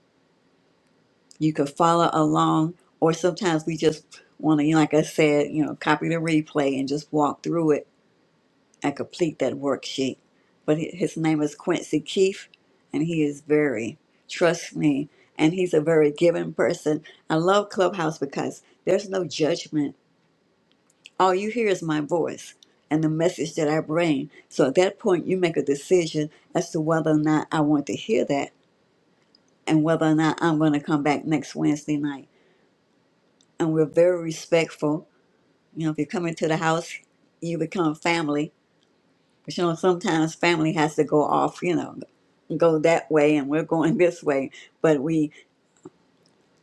E: You could follow along, or sometimes we just want to, like I said, you know, copy the replay and just walk through it and complete that worksheet. But hi- his name is Quincy Keefe, and he is very, trust me, and he's a very giving person. I love Clubhouse because there's no judgment. All you hear is my voice and the message that I bring. So at that point, you make a decision as to whether or not I want to hear that and whether or not I'm going to come back next Wednesday night. and we're very respectful. You know, if you come into the house, you become family. But you know, sometimes family has to go off, you know, go that way, and we're going this way. But we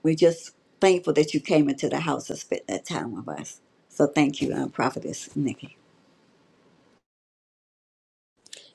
E: we just thankful that you came into the house to spend that time with us. So thank you, uh, Prophetess Nikki.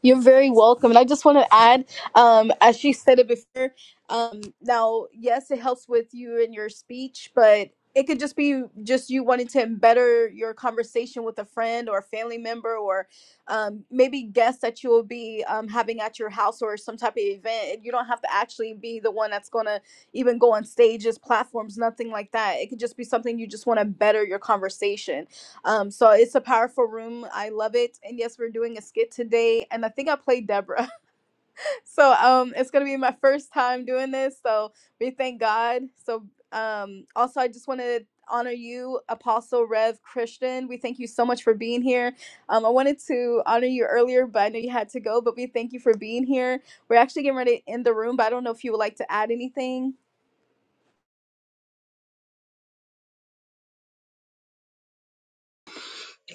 A: You're very welcome. And I just want to add, um, as she said it before, um, now, yes, it helps with you and your speech, but it could just be just you wanting to better your conversation with a friend or a family member or um, maybe guests that you will be um, having at your house or some type of event. You don't have to actually be the one that's going to even go on stages, platforms, nothing like that. It could just be something you just want to better your conversation um, so it's a powerful room. I love it. And yes, we're doing a skit today. And I think I played Deborah. so um, it's going to be my first time doing this. So we thank God. So um, also, I just want to honor you, Apostle Rev Christian. We thank you so much for being here. Um, I wanted to honor you earlier, but I know you had to go. But we thank you for being here. We're actually getting ready to end the room, but I don't know if you would like to add anything.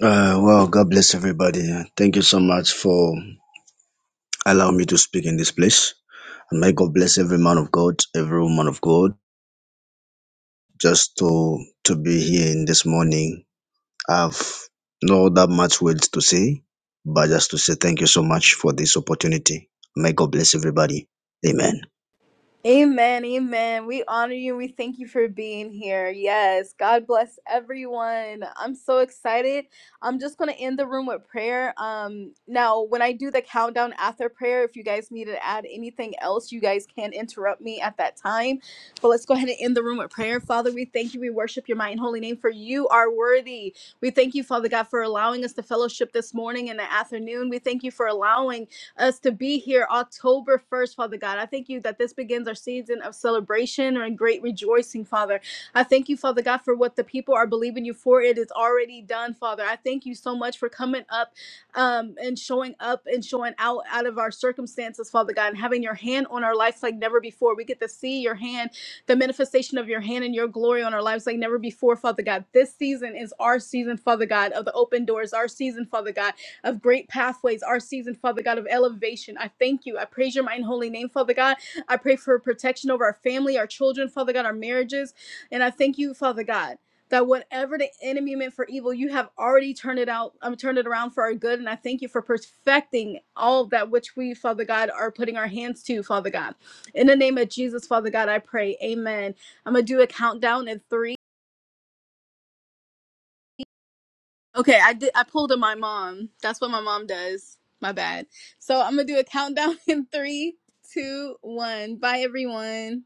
I: Uh, well, God bless everybody. Thank you so much for allowing me to speak in this place. And may God bless every man of God, every woman of God, just to to be here in this morning. I've not that much words to say, but just to say thank you so much for this opportunity. May God bless everybody. Amen.
A: Amen, amen. We honor you. And We thank you for being here. Yes, God bless everyone. I'm so excited. I'm just going to end the room with prayer. Um now when I do the countdown after prayer, if you guys need to add anything else, you guys can interrupt me at that time. But let's go ahead and end the room with prayer. Father, we thank you. We worship your mighty and holy name for you are worthy. We thank you, Father God, for allowing us to fellowship this morning and the afternoon. We thank you for allowing us to be here October 1st, Father God. I thank you that this begins our season of celebration and great rejoicing, Father. I thank you, Father God, for what the people are believing you for. It is already done, Father. I thank you so much for coming up um, and showing up and showing out out of our circumstances, Father God, and having your hand on our lives like never before. We get to see your hand, the manifestation of your hand and your glory on our lives like never before, Father God. This season is our season, Father God, of the open doors, our season, Father God, of great pathways, our season, Father God, of elevation. I thank you. I praise your mighty and holy name, Father God. I pray for protection over our family, our children, Father God, our marriages. And I thank you, Father God. That whatever the enemy meant for evil, you have already turned it out. i um, turned it around for our good, and I thank you for perfecting all that which we, Father God, are putting our hands to, Father God. In the name of Jesus, Father God, I pray. Amen. I'm gonna do a countdown in three, Okay, I did. I pulled on my mom. That's what my mom does. My bad. So I'm gonna do a countdown in three, two, one. Bye, everyone.